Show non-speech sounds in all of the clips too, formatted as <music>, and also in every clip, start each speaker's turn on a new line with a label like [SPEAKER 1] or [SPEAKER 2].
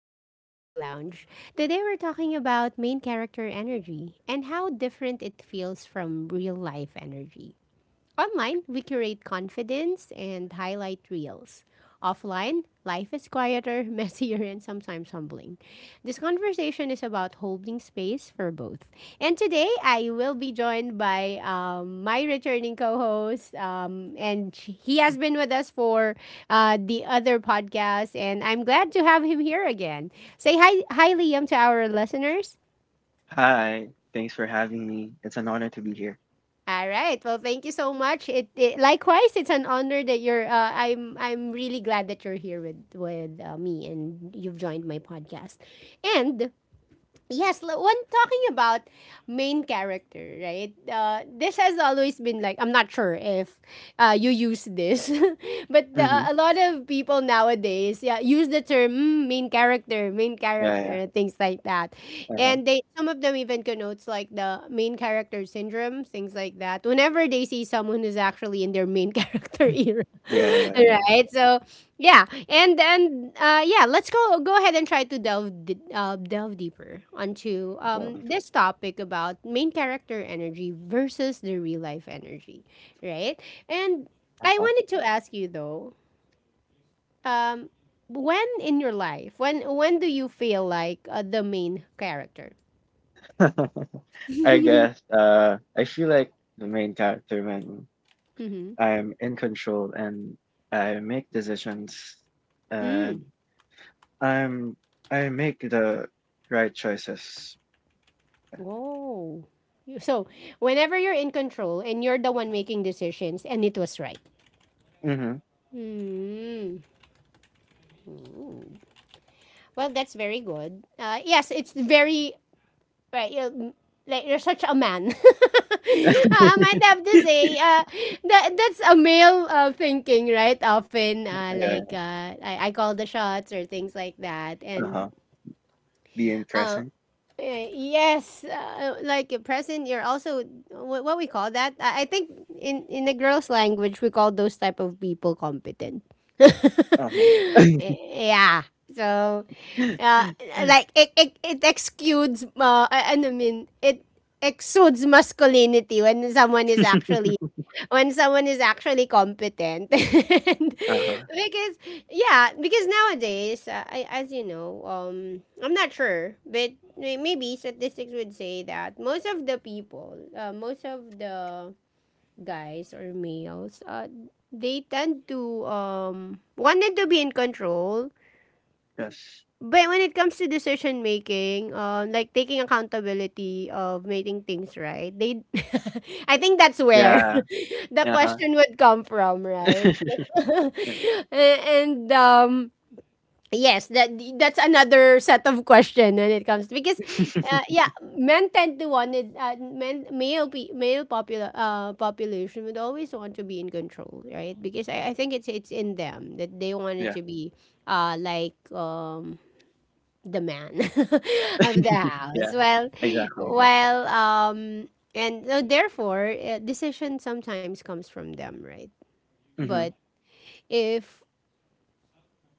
[SPEAKER 1] back to Echo Lounge. Today we're talking about main character energy and how different it feels from real life energy. Online, we curate confidence and highlight reels. Offline, life is quieter, <laughs> messier, and sometimes humbling. This conversation is about holding space for both. And today, I will be joined by my returning co host, and he has been with us for the other podcast, and I'm glad to have him here again. Say hi, Liam, to our listeners.
[SPEAKER 2] Hi, thanks for having me. It's an honor to be here.
[SPEAKER 1] All right. Well, thank you so much. It likewise, it's an honor that you're. I'm really glad that you're here with with me and you've joined my podcast. And yes, when talking about main character, right? This has always been like I'm not sure if you use this, <laughs> but a
[SPEAKER 2] Hmm.
[SPEAKER 1] lot of people nowadays, yeah, use the term "Mm, main character, main
[SPEAKER 2] Yeah,
[SPEAKER 1] character,"
[SPEAKER 2] yeah,
[SPEAKER 1] and things like that,
[SPEAKER 2] uh-huh.
[SPEAKER 1] and they, some of them even connotes like the main character syndrome, things like that. Whenever they see someone who's actually in their main <laughs> character era,
[SPEAKER 2] Yeah,
[SPEAKER 1] <laughs>
[SPEAKER 2] yeah, yeah.
[SPEAKER 1] right? So yeah, and yeah, let's go ahead and try to delve deeper onto
[SPEAKER 2] so,
[SPEAKER 1] this topic about main character energy versus the real life energy, right? And I
[SPEAKER 2] uh-huh.
[SPEAKER 1] wanted to ask you though, um, when in your life, when do you feel like the main character?
[SPEAKER 2] <laughs> I guess
[SPEAKER 1] <laughs>
[SPEAKER 2] I feel like the main character when
[SPEAKER 1] Mm-hmm.
[SPEAKER 2] I'm in control and I make decisions
[SPEAKER 1] Mm.
[SPEAKER 2] and I'm I make the right choices.
[SPEAKER 1] Whoa. So, whenever you're in control and you're the one making decisions, and it was right.
[SPEAKER 2] Mm-hmm.
[SPEAKER 1] Mm. Well, that's very good. Yes, it's very right. You, like you're such a man. <laughs> Uh,
[SPEAKER 2] Yeah.
[SPEAKER 1] I might have to say that that's a male thinking, right? Often,
[SPEAKER 2] Yeah.
[SPEAKER 1] like I call the shots or things like that,
[SPEAKER 2] Uh-huh.
[SPEAKER 1] and
[SPEAKER 2] Being
[SPEAKER 1] uh,
[SPEAKER 2] present.
[SPEAKER 1] yes, like a present. You're also what we call that. I think in the girls' language, we call those type of people competent. <laughs>
[SPEAKER 2] Uh-huh.
[SPEAKER 1] Yeah. So,
[SPEAKER 2] <laughs>
[SPEAKER 1] uh, like it exudes uh, I mean it exudes masculinity when someone is actually, competent <laughs> and
[SPEAKER 2] Uh-huh.
[SPEAKER 1] because yeah, because nowadays as you know, I'm not sure, but maybe statistics would say that most of the people, most of the guys or males they tend to wanted to be in control,
[SPEAKER 2] Yes.
[SPEAKER 1] but when it comes to decision making, like taking accountability of making things right, <laughs> I think that's where
[SPEAKER 2] Yeah.
[SPEAKER 1] <laughs> the
[SPEAKER 2] Uh-huh.
[SPEAKER 1] question would come from, right?
[SPEAKER 2] <laughs>
[SPEAKER 1] <laughs>
[SPEAKER 2] Yeah.
[SPEAKER 1] A- and yes, that that's another set of question when it comes, because
[SPEAKER 2] <laughs>
[SPEAKER 1] yeah, men tend to want it. Men male pe- male popula- population would always want to be in control, right? Because I think it's in them that they wanted
[SPEAKER 2] Yeah.
[SPEAKER 1] to be, like the man <laughs> of the house.
[SPEAKER 2] Yeah.
[SPEAKER 1] Well,
[SPEAKER 2] Exactly. Exactly.
[SPEAKER 1] well, and so therefore, decision sometimes comes from them, right?
[SPEAKER 2] Mhm.
[SPEAKER 1] But if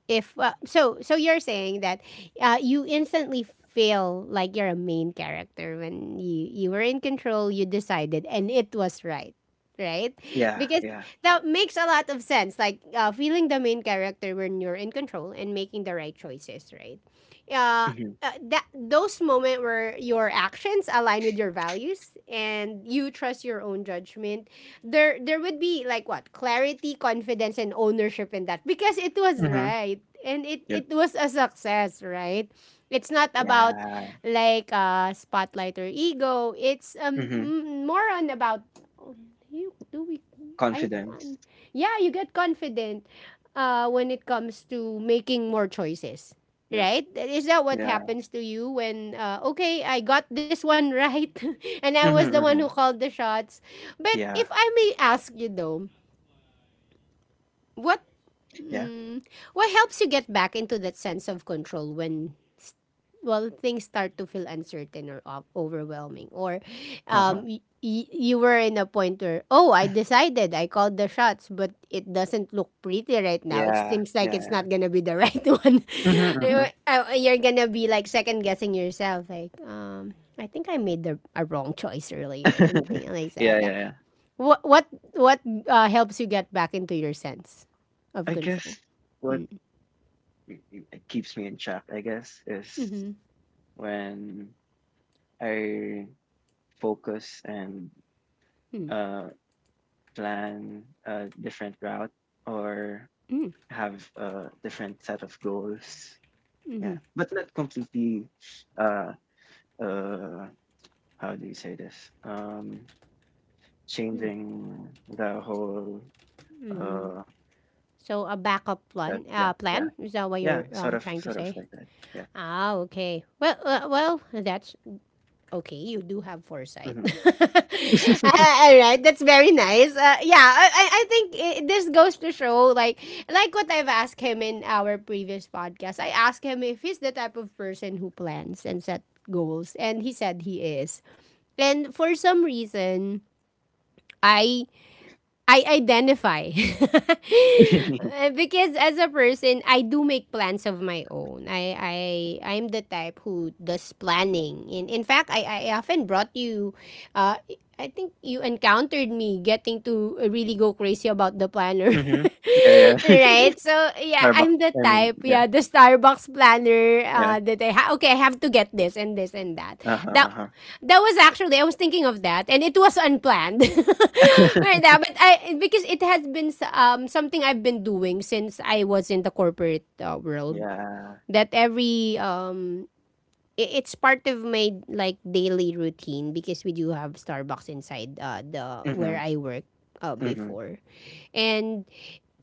[SPEAKER 1] so so you're saying that you instantly feel like you're a main character when you were in control, you decided, and it was right, right?
[SPEAKER 2] Yeah,
[SPEAKER 1] Because
[SPEAKER 2] yeah.
[SPEAKER 1] that makes a lot of sense, like feeling the main character when you're in control and making the right choices, right? uh,
[SPEAKER 2] Mhm.
[SPEAKER 1] that those moments where your actions align with your values and you trust your own judgment, there would be like what, clarity, confidence, and ownership in that, because it was
[SPEAKER 2] Mhm.
[SPEAKER 1] right and it
[SPEAKER 2] Yep.
[SPEAKER 1] it was a success, right? It's not about
[SPEAKER 2] Yeah.
[SPEAKER 1] like spotlight or ego. It's
[SPEAKER 2] Mhm.
[SPEAKER 1] more on about you do we, I
[SPEAKER 2] Confidence.
[SPEAKER 1] yeah, you get confident when it comes to making more choices,
[SPEAKER 2] Yep.
[SPEAKER 1] right? Is that what
[SPEAKER 2] Yeah.
[SPEAKER 1] happens to you when okay, I got this one right <laughs> and I was
[SPEAKER 2] Mhm,
[SPEAKER 1] the one who
[SPEAKER 2] mhm.
[SPEAKER 1] called the shots. But if
[SPEAKER 2] Yeah.
[SPEAKER 1] I may ask you though, what,
[SPEAKER 2] Yeah.
[SPEAKER 1] Mm. What helps you get back into that sense of control when, well, things start to feel uncertain or overwhelming, or
[SPEAKER 2] Uh-huh.
[SPEAKER 1] you were in a point where, oh, I decided, I called the shots, but it doesn't look pretty right now. It
[SPEAKER 2] Yeah.
[SPEAKER 1] seems like
[SPEAKER 2] Yeah,
[SPEAKER 1] it's
[SPEAKER 2] yeah.
[SPEAKER 1] not gonna be the <laughs> right one. <laughs>
[SPEAKER 2] Mhm, mhm.
[SPEAKER 1] You're gonna be like second guessing yourself, like, I think I made the a wrong choice earlier, and
[SPEAKER 2] <laughs>
[SPEAKER 1] things like
[SPEAKER 2] Yeah, yeah,
[SPEAKER 1] that.
[SPEAKER 2] yeah.
[SPEAKER 1] What what what helps you get back into your sense of
[SPEAKER 2] I
[SPEAKER 1] control?
[SPEAKER 2] guess what keeps me in check, I guess, is
[SPEAKER 1] Mm-hmm.
[SPEAKER 2] when I focus and uh plan a different route or
[SPEAKER 1] Mm.
[SPEAKER 2] have a different set of goals. Yeah. But not completely uh uh how do you say this, changing the whole uh
[SPEAKER 1] So a backup
[SPEAKER 2] that,
[SPEAKER 1] plan,
[SPEAKER 2] yeah, yeah,
[SPEAKER 1] plan, is that what
[SPEAKER 2] yeah,
[SPEAKER 1] you're
[SPEAKER 2] sort of,
[SPEAKER 1] trying to
[SPEAKER 2] sort of
[SPEAKER 1] say?
[SPEAKER 2] like that, yeah.
[SPEAKER 1] Ah, okay. Well, well, that's okay. You do have foresight.
[SPEAKER 2] Mm-hmm.
[SPEAKER 1] <laughs> All right, that's very nice. Yeah, I think it, this goes to show, like what I've asked him in our previous podcast. I asked him if he's the type of person who plans and set goals, and he said he is. And for some reason, I I identify. <laughs> Because as a person, I do make plans of my own. I'm the type who does planning. In fact, I often brought you uh I think you encountered me getting to really go crazy about the planner.
[SPEAKER 2] Mm-hmm. <laughs> Yeah,
[SPEAKER 1] <laughs>
[SPEAKER 2] yeah.
[SPEAKER 1] Right? So,
[SPEAKER 2] <laughs>
[SPEAKER 1] yeah,
[SPEAKER 2] Starbucks.
[SPEAKER 1] I'm the
[SPEAKER 2] I mean,
[SPEAKER 1] type,
[SPEAKER 2] yeah,
[SPEAKER 1] yeah, the Starbucks planner
[SPEAKER 2] yeah,
[SPEAKER 1] that okay, I have to get this and this and that.
[SPEAKER 2] uh-huh,
[SPEAKER 1] That
[SPEAKER 2] uh-huh.
[SPEAKER 1] that was actually, I was thinking of that, and it was unplanned. <laughs> Right
[SPEAKER 2] <laughs>
[SPEAKER 1] now, but I, because it has been something I've been doing since I was in the corporate world.
[SPEAKER 2] Yeah.
[SPEAKER 1] That every it's part of my like daily routine because we do have Starbucks inside the
[SPEAKER 2] Mm-hmm.
[SPEAKER 1] where I work
[SPEAKER 2] Mm-hmm.
[SPEAKER 1] before, and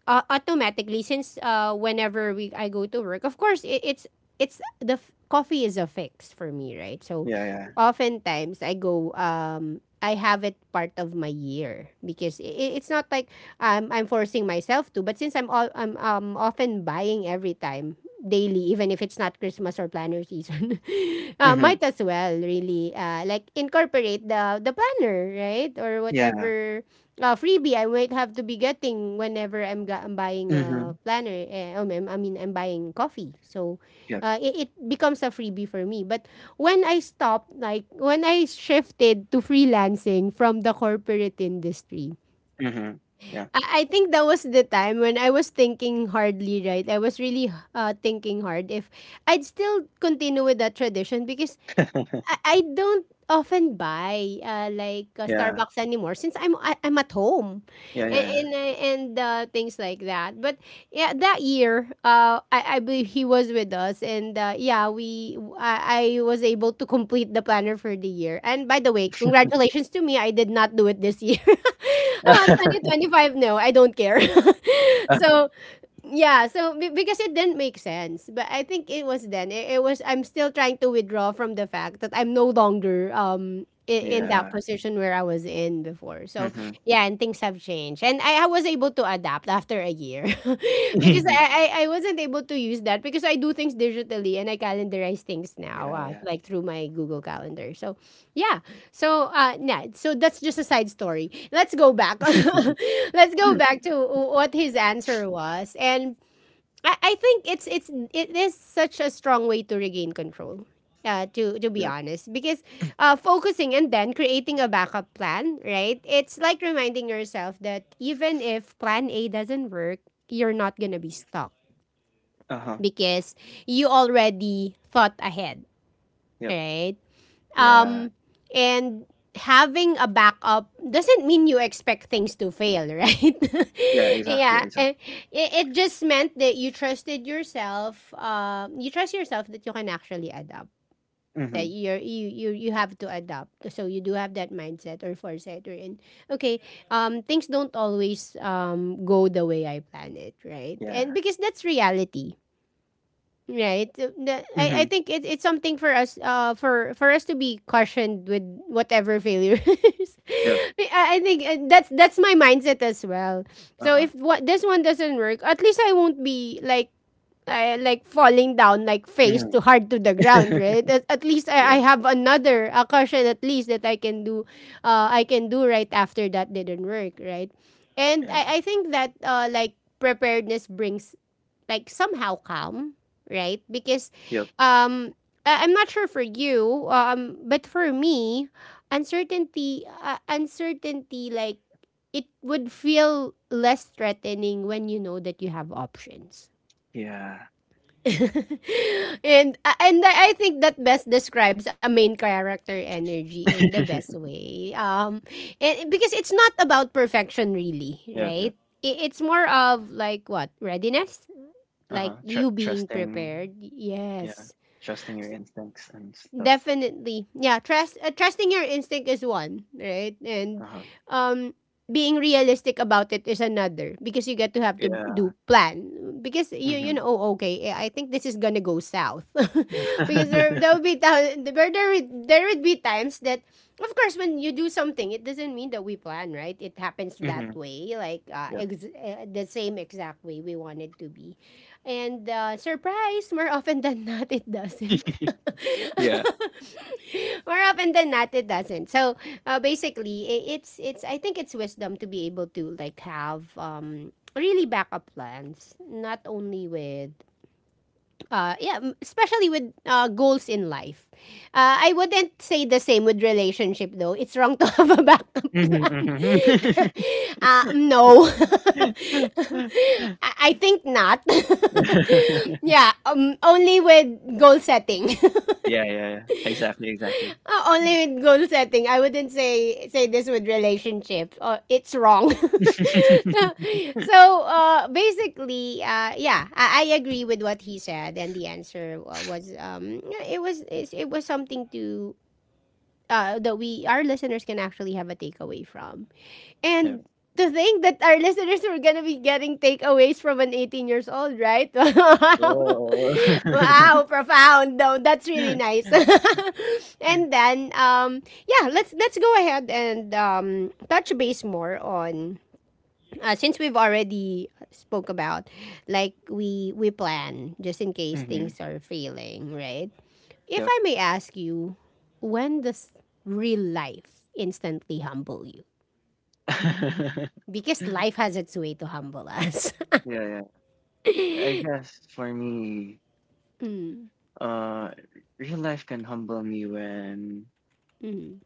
[SPEAKER 1] automatically since whenever we I go to work, of course it, it's the f- coffee is a fix for me, right? So
[SPEAKER 2] Yeah, yeah.
[SPEAKER 1] oftentimes I go I have it part of my year because it's not like I'm forcing myself to, but since I'm often buying every time, daily, even if it's not Christmas or planner season, <laughs>
[SPEAKER 2] Mm-hmm.
[SPEAKER 1] might as well really like incorporate the planner, right, or
[SPEAKER 2] Yeah.
[SPEAKER 1] whatever freebie I might have to be getting whenever I'm buying a
[SPEAKER 2] Mm-hmm.
[SPEAKER 1] planner. I mean, I'm buying coffee. So
[SPEAKER 2] Yep.
[SPEAKER 1] it, it becomes a freebie for me. But when I stopped, like when I shifted to freelancing from the corporate industry,
[SPEAKER 2] Mm-hmm. Yeah.
[SPEAKER 1] I think that was the time when I was thinking hardly, right? I was really thinking hard if I'd still continue with that tradition, because I
[SPEAKER 2] <laughs>
[SPEAKER 1] I don't often buy, like,
[SPEAKER 2] Yeah,
[SPEAKER 1] Starbucks anymore since I'm at home,
[SPEAKER 2] yeah,
[SPEAKER 1] and
[SPEAKER 2] yeah,
[SPEAKER 1] and I and, uh, things like that. But, yeah, that year, I believe he was with us, and, yeah, we I was able to complete the planner for the year. And by the way, congratulations to me, I did not do it this year. <laughs> Ah,
[SPEAKER 2] yeah.
[SPEAKER 1] 2025, no, I don't care. <laughs>
[SPEAKER 2] <laughs>
[SPEAKER 1] So, yeah, so because it didn't make sense, but I think it was then, it was, I'm still trying to withdraw from the fact that I'm no longer in that
[SPEAKER 2] Yeah.
[SPEAKER 1] position where I was in before, so
[SPEAKER 2] Mm-hmm.
[SPEAKER 1] yeah, and things have changed, and I was able to adapt after a year <laughs> because
[SPEAKER 2] <laughs>
[SPEAKER 1] I wasn't able to use that because I do things digitally and I calendarize things now,
[SPEAKER 2] Yeah, yeah.
[SPEAKER 1] like through my Google calendar. So yeah. So yeah, so that's just a side story. Let's go back. <laughs> Let's go
[SPEAKER 2] Mm.
[SPEAKER 1] back to what his answer was. And I think it is such a strong way to regain control. To be
[SPEAKER 2] Yep.
[SPEAKER 1] honest, because focusing and then creating a backup plan, right? It's like reminding yourself that even if Plan A doesn't work, you're not gonna be stuck
[SPEAKER 2] Uh-huh.
[SPEAKER 1] because you already thought ahead,
[SPEAKER 2] Yep.
[SPEAKER 1] right?
[SPEAKER 2] Yeah.
[SPEAKER 1] Um, and having a backup doesn't mean you expect things to fail, right?
[SPEAKER 2] Yeah,
[SPEAKER 1] <laughs>
[SPEAKER 2] exactly,
[SPEAKER 1] yeah, eh,
[SPEAKER 2] exactly.
[SPEAKER 1] it, it just meant that you trusted yourself. You trust yourself that you can actually adapt. That
[SPEAKER 2] Mhm.
[SPEAKER 1] you're, you have to adapt. So you do have that mindset or foresight or, in, okay, things don't always go the way I plan it, right?
[SPEAKER 2] Yeah.
[SPEAKER 1] And because that's reality. Right. So, I
[SPEAKER 2] Mhm.
[SPEAKER 1] think it's something for us for us to be cautioned with whatever failures.
[SPEAKER 2] Yep.
[SPEAKER 1] <laughs> I think that's my mindset as well. So
[SPEAKER 2] Uh-huh.
[SPEAKER 1] if what this one doesn't work, at least I won't be like falling down like face to
[SPEAKER 2] Mhm.
[SPEAKER 1] hard to the ground, right? At
[SPEAKER 2] <laughs>
[SPEAKER 1] least I
[SPEAKER 2] Yeah,
[SPEAKER 1] have another a caution at least that I can do right after that didn't work, right? And
[SPEAKER 2] yeah.
[SPEAKER 1] I think that like preparedness brings like somehow calm, right? Because
[SPEAKER 2] Yep.
[SPEAKER 1] um I'm not sure for you, but for me, uncertainty like it would feel less threatening when you know that you have options.
[SPEAKER 2] Yeah.
[SPEAKER 1] <laughs> And I think that best describes a main character energy in the best
[SPEAKER 2] <laughs>
[SPEAKER 1] way. And because it's not about perfection really,
[SPEAKER 2] Yep, yep.
[SPEAKER 1] right? It's more of like what readiness,
[SPEAKER 2] Uh-huh.
[SPEAKER 1] like you being
[SPEAKER 2] Trusting,
[SPEAKER 1] prepared.
[SPEAKER 2] yeah,
[SPEAKER 1] Yes,
[SPEAKER 2] trusting your instincts and stuff.
[SPEAKER 1] definitely, yeah, trust, trusting your instinct is one, right? And
[SPEAKER 2] Uh-huh.
[SPEAKER 1] um being realistic about it is another, because you get to have to do
[SPEAKER 2] Yeah.
[SPEAKER 1] plan, because you know,
[SPEAKER 2] Mhm.
[SPEAKER 1] oh, okay, I think this is gonna go south
[SPEAKER 2] Mhm.
[SPEAKER 1] <laughs> because there
[SPEAKER 2] <laughs>
[SPEAKER 1] will be time, there there would be times that of course, when you do something, it doesn't mean that we plan, right? It happens that way, like
[SPEAKER 2] Yep.
[SPEAKER 1] the same exact way we want it to be. And surprise, more often <laughs> than not, it doesn't.
[SPEAKER 2] <laughs> Yeah.
[SPEAKER 1] <laughs> more often than not, it doesn't. So basically, I it's it's. I think it's wisdom to be able to like have really backup plans, not only with yeah, especially with goals in life. I wouldn't say the same with relationship though. It's wrong to <laughs> have a backup
[SPEAKER 2] Mhm,
[SPEAKER 1] plan.
[SPEAKER 2] mhm. <laughs>
[SPEAKER 1] <laughs> No. <laughs>
[SPEAKER 2] <laughs>
[SPEAKER 1] I think not. <laughs> yeah, only with goal setting. <laughs>
[SPEAKER 2] Yeah, yeah, yeah. Exactly, exactly.
[SPEAKER 1] Only with goal setting. I wouldn't say this with relationships. It's wrong.
[SPEAKER 2] <laughs>
[SPEAKER 1] <laughs> so basically, yeah, I agree with what he said, and the answer was yeah, it was something to that we our listeners can actually have a takeaway from.
[SPEAKER 2] Yep.
[SPEAKER 1] And to think that our listeners are gonna be getting takeaways from an 18 years old, right? <laughs>
[SPEAKER 2] Oh.
[SPEAKER 1] Wow, wow,
[SPEAKER 2] <laughs>
[SPEAKER 1] profound. Though that's really nice. <laughs> and then, yeah, let's go ahead and touch base more on since we've already spoke about like we plan just in case
[SPEAKER 2] Mhm,
[SPEAKER 1] things are failing, right? If
[SPEAKER 2] yep.
[SPEAKER 1] I may ask you, when does real life instantly humble you?
[SPEAKER 2] <laughs>
[SPEAKER 1] Because life has its way to humble us. <laughs>
[SPEAKER 2] Yeah, yeah. I guess for me,
[SPEAKER 1] Mm,
[SPEAKER 2] uh, real life can humble me when
[SPEAKER 1] mm,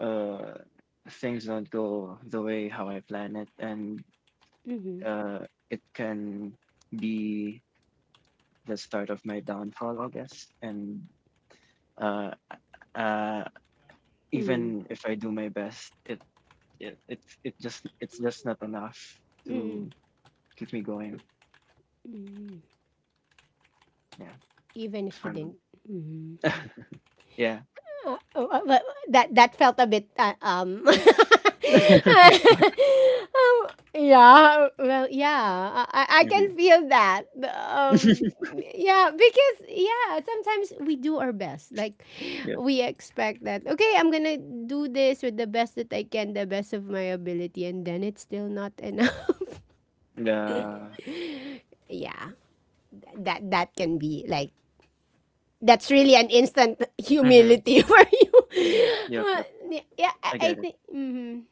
[SPEAKER 2] uh things don't go the way how I plan it, and
[SPEAKER 1] mhm,
[SPEAKER 2] it can be the start of my downfall, I guess. And uh, uh,
[SPEAKER 1] mhm,
[SPEAKER 2] even if I do my best, it's just not enough
[SPEAKER 1] mm, mm,
[SPEAKER 2] to keep me going.
[SPEAKER 1] mm.
[SPEAKER 2] Yeah,
[SPEAKER 1] Even
[SPEAKER 2] it's
[SPEAKER 1] if you
[SPEAKER 2] fun.
[SPEAKER 1] didn't. Mhm.
[SPEAKER 2] <laughs> Yeah.
[SPEAKER 1] Well, that that felt a bit
[SPEAKER 2] <laughs>
[SPEAKER 1] <laughs> um, yeah, well, yeah, I can
[SPEAKER 2] Mhm.
[SPEAKER 1] feel that. um
[SPEAKER 2] <laughs>
[SPEAKER 1] yeah, because yeah, sometimes we do our best, like
[SPEAKER 2] Yep.
[SPEAKER 1] we expect that, okay, I'm gonna do this with the best that I can, the best of my ability, and then it's still not enough.
[SPEAKER 2] Yeah.
[SPEAKER 1] <laughs> yeah, that that can be like, that's really an instant
[SPEAKER 2] Mhm.
[SPEAKER 1] humility <laughs> for you.
[SPEAKER 2] Yep,
[SPEAKER 1] Well,
[SPEAKER 2] yep.
[SPEAKER 1] yeah, I,
[SPEAKER 2] I
[SPEAKER 1] I
[SPEAKER 2] get it.
[SPEAKER 1] think. Mhm.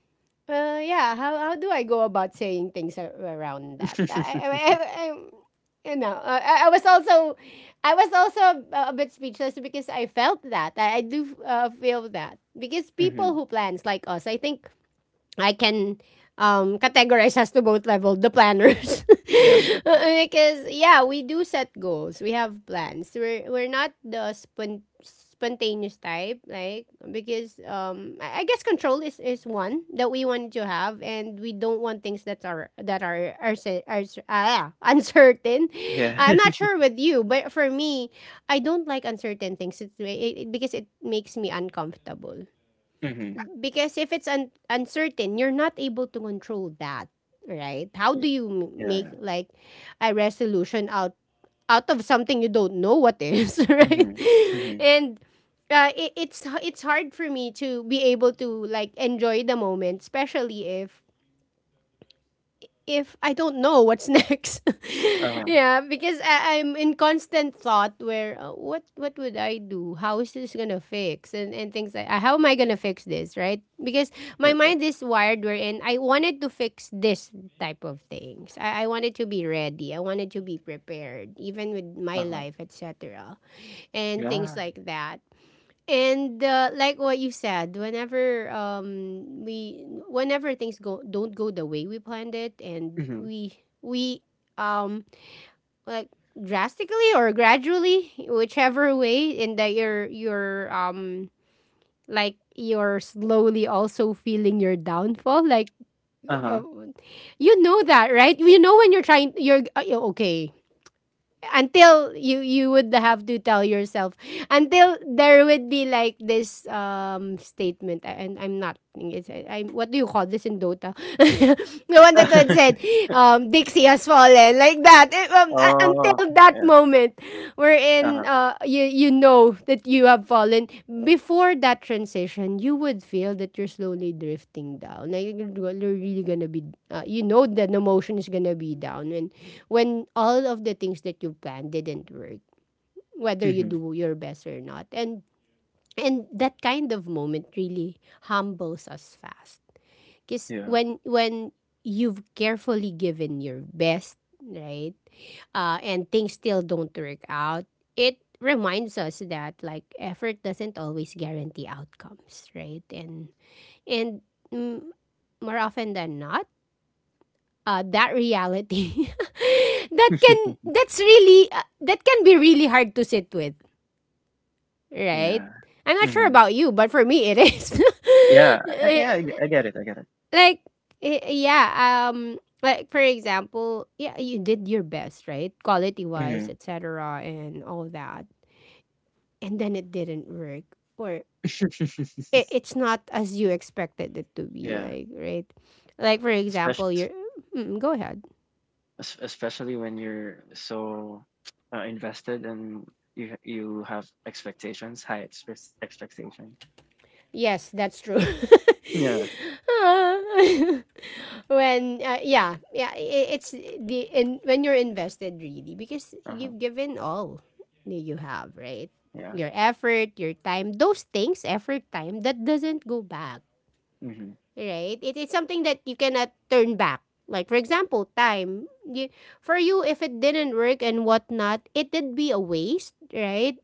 [SPEAKER 1] Yeah. How do I go about saying things around that?
[SPEAKER 2] <laughs>
[SPEAKER 1] I You know, I was also, I was also a bit speechless because I felt that I do feel that, because people
[SPEAKER 2] Mhm.
[SPEAKER 1] who plans like us, I think I can categorize as to both level the planners,
[SPEAKER 2] Yep, yep. m
[SPEAKER 1] <laughs> because yeah, we do set goals, we have plans, we're not the spontaneous type, like because I guess control is one that we want to have, and we don't want things that are <laughs> uncertain.
[SPEAKER 2] Yeah.
[SPEAKER 1] I'm not
[SPEAKER 2] <laughs>
[SPEAKER 1] sure with you, but for me, I don't like uncertain things. Because it makes me uncomfortable,
[SPEAKER 2] Mhm.
[SPEAKER 1] because if it's uncertain, you're not able to control that, right? How do
[SPEAKER 2] Yep.
[SPEAKER 1] you
[SPEAKER 2] Yeah.
[SPEAKER 1] make like a resolution out of something you don't know what is, <laughs> right?
[SPEAKER 2] Mhm. Mhm.
[SPEAKER 1] And it's hard for me to be able to like enjoy the moment, especially if I don't know what's next. <laughs>
[SPEAKER 2] Uh-huh.
[SPEAKER 1] yeah, because I'm in constant thought where what would I do? How is this gonna fix? And things like how am I gonna fix this? Right? Because my
[SPEAKER 2] Yep, yep.
[SPEAKER 1] mind is wired wherein I wanted to fix this type of things. I wanted to be ready. I wanted to be prepared, even with my
[SPEAKER 2] Uh-huh.
[SPEAKER 1] life, etc. And
[SPEAKER 2] Yeah.
[SPEAKER 1] things like that. And like what you said, whenever we whenever things go don't go the way we planned it, and
[SPEAKER 2] Mhm.
[SPEAKER 1] we um like drastically or gradually, whichever way, and that you're like you're slowly also feeling your downfall, like uh,
[SPEAKER 2] Uh-huh.
[SPEAKER 1] you know that, right? You know when you're trying, you're okay, until you would have to tell yourself, until there would be like this statement and I'm not. It's, I'm what do you call this in Dota, <laughs> the one that had said
[SPEAKER 2] <laughs>
[SPEAKER 1] Dixie has fallen, like that. It,
[SPEAKER 2] Oh,
[SPEAKER 1] until that
[SPEAKER 2] yeah.
[SPEAKER 1] moment wherein
[SPEAKER 2] Uh-huh.
[SPEAKER 1] uh, you know that you have fallen. Before that transition, you would feel that you're slowly drifting down, like you're really gonna be you know that the emotion is gonna be down, and when all of the things that you planned didn't work, whether you
[SPEAKER 2] Mhm.
[SPEAKER 1] do your best or not. And that kind of moment really humbles us fast. Because
[SPEAKER 2] Yeah.
[SPEAKER 1] when you've carefully given your best, right, and things still don't work out, it reminds us that like effort doesn't always guarantee outcomes, right? And mm, more often than not, that reality, <laughs> that can,
[SPEAKER 2] <laughs>
[SPEAKER 1] that's really that can be really hard to sit with, right?
[SPEAKER 2] Yeah.
[SPEAKER 1] I'm not sure
[SPEAKER 2] Mhm.
[SPEAKER 1] about you, but for me it is. <laughs>
[SPEAKER 2] Yeah. I
[SPEAKER 1] Eh,
[SPEAKER 2] yeah, I get it, I get it.
[SPEAKER 1] like yeah, like, for example, yeah, you did your best, right, quality wise,
[SPEAKER 2] Mhm.
[SPEAKER 1] etc., and all that, and then it didn't work, or it,
[SPEAKER 2] <laughs>
[SPEAKER 1] it's not as you expected it to be,
[SPEAKER 2] Yeah.
[SPEAKER 1] like right, like for
[SPEAKER 2] Especially.
[SPEAKER 1] example, you're mm, go ahead.
[SPEAKER 2] Especially when you're so invested and you have expectations, expectations.
[SPEAKER 1] Yes, that's true. <laughs>
[SPEAKER 2] Yeah.
[SPEAKER 1] Ah. <laughs> when yeah, yeah, it's the in, when you're invested really, because
[SPEAKER 2] Uh huh.
[SPEAKER 1] you've given all that you have, right?
[SPEAKER 2] Yeah.
[SPEAKER 1] Your effort, your time, those things, effort, time that doesn't go back,
[SPEAKER 2] Mm-hmm.
[SPEAKER 1] right? It, it's something that you cannot turn back. Like for example, time. You, for you, if it didn't work and whatnot, it did be a waste, right?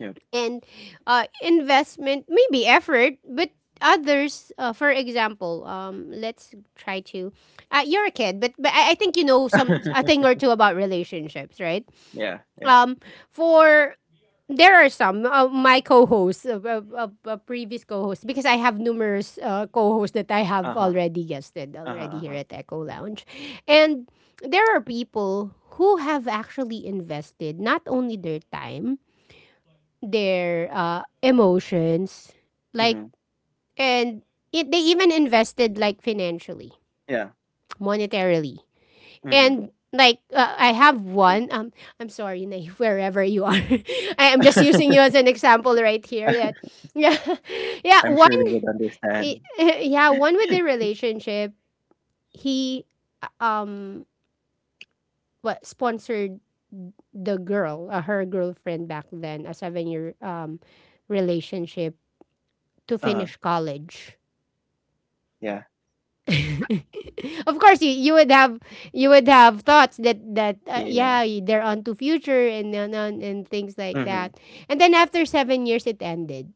[SPEAKER 2] Yep.
[SPEAKER 1] And investment, maybe effort, but others, for example, let's try to. You're a kid, but I think you know some a
[SPEAKER 2] <laughs>
[SPEAKER 1] thing or two about relationships, right?
[SPEAKER 2] Yeah. Yeah.
[SPEAKER 1] Um, for there are some my co-hosts, a previous co-hosts, because I have numerous co-hosts that I
[SPEAKER 2] Uh
[SPEAKER 1] have
[SPEAKER 2] huh.
[SPEAKER 1] already guested
[SPEAKER 2] Uh huh.
[SPEAKER 1] already
[SPEAKER 2] Uh
[SPEAKER 1] here
[SPEAKER 2] huh.
[SPEAKER 1] at Echo Lounge, and there are people who have actually invested not only their time, their emotions, like,
[SPEAKER 2] Mm-hmm.
[SPEAKER 1] and it, they even invested like financially,
[SPEAKER 2] Yeah.
[SPEAKER 1] monetarily,
[SPEAKER 2] Mm-hmm.
[SPEAKER 1] and like I have one I'm sorry, Naive, <laughs> wherever you are. <laughs> I am just using you
[SPEAKER 2] <laughs>
[SPEAKER 1] as an example right here. That <laughs> yeah, yeah,
[SPEAKER 2] I'm
[SPEAKER 1] one
[SPEAKER 2] sure they would
[SPEAKER 1] eh,
[SPEAKER 2] understand.
[SPEAKER 1] <laughs> eh, yeah, one with the relationship. He um what sponsored the girl her girlfriend back then, a 7 year relationship, to
[SPEAKER 2] Uh.
[SPEAKER 1] finish college.
[SPEAKER 2] Yeah.
[SPEAKER 1] <laughs> of course you, you would have, you would have thoughts that that
[SPEAKER 2] Yeah.
[SPEAKER 1] yeah, they're on to future and then on, and things like
[SPEAKER 2] Mm-hmm.
[SPEAKER 1] that. And then after 7 years it ended.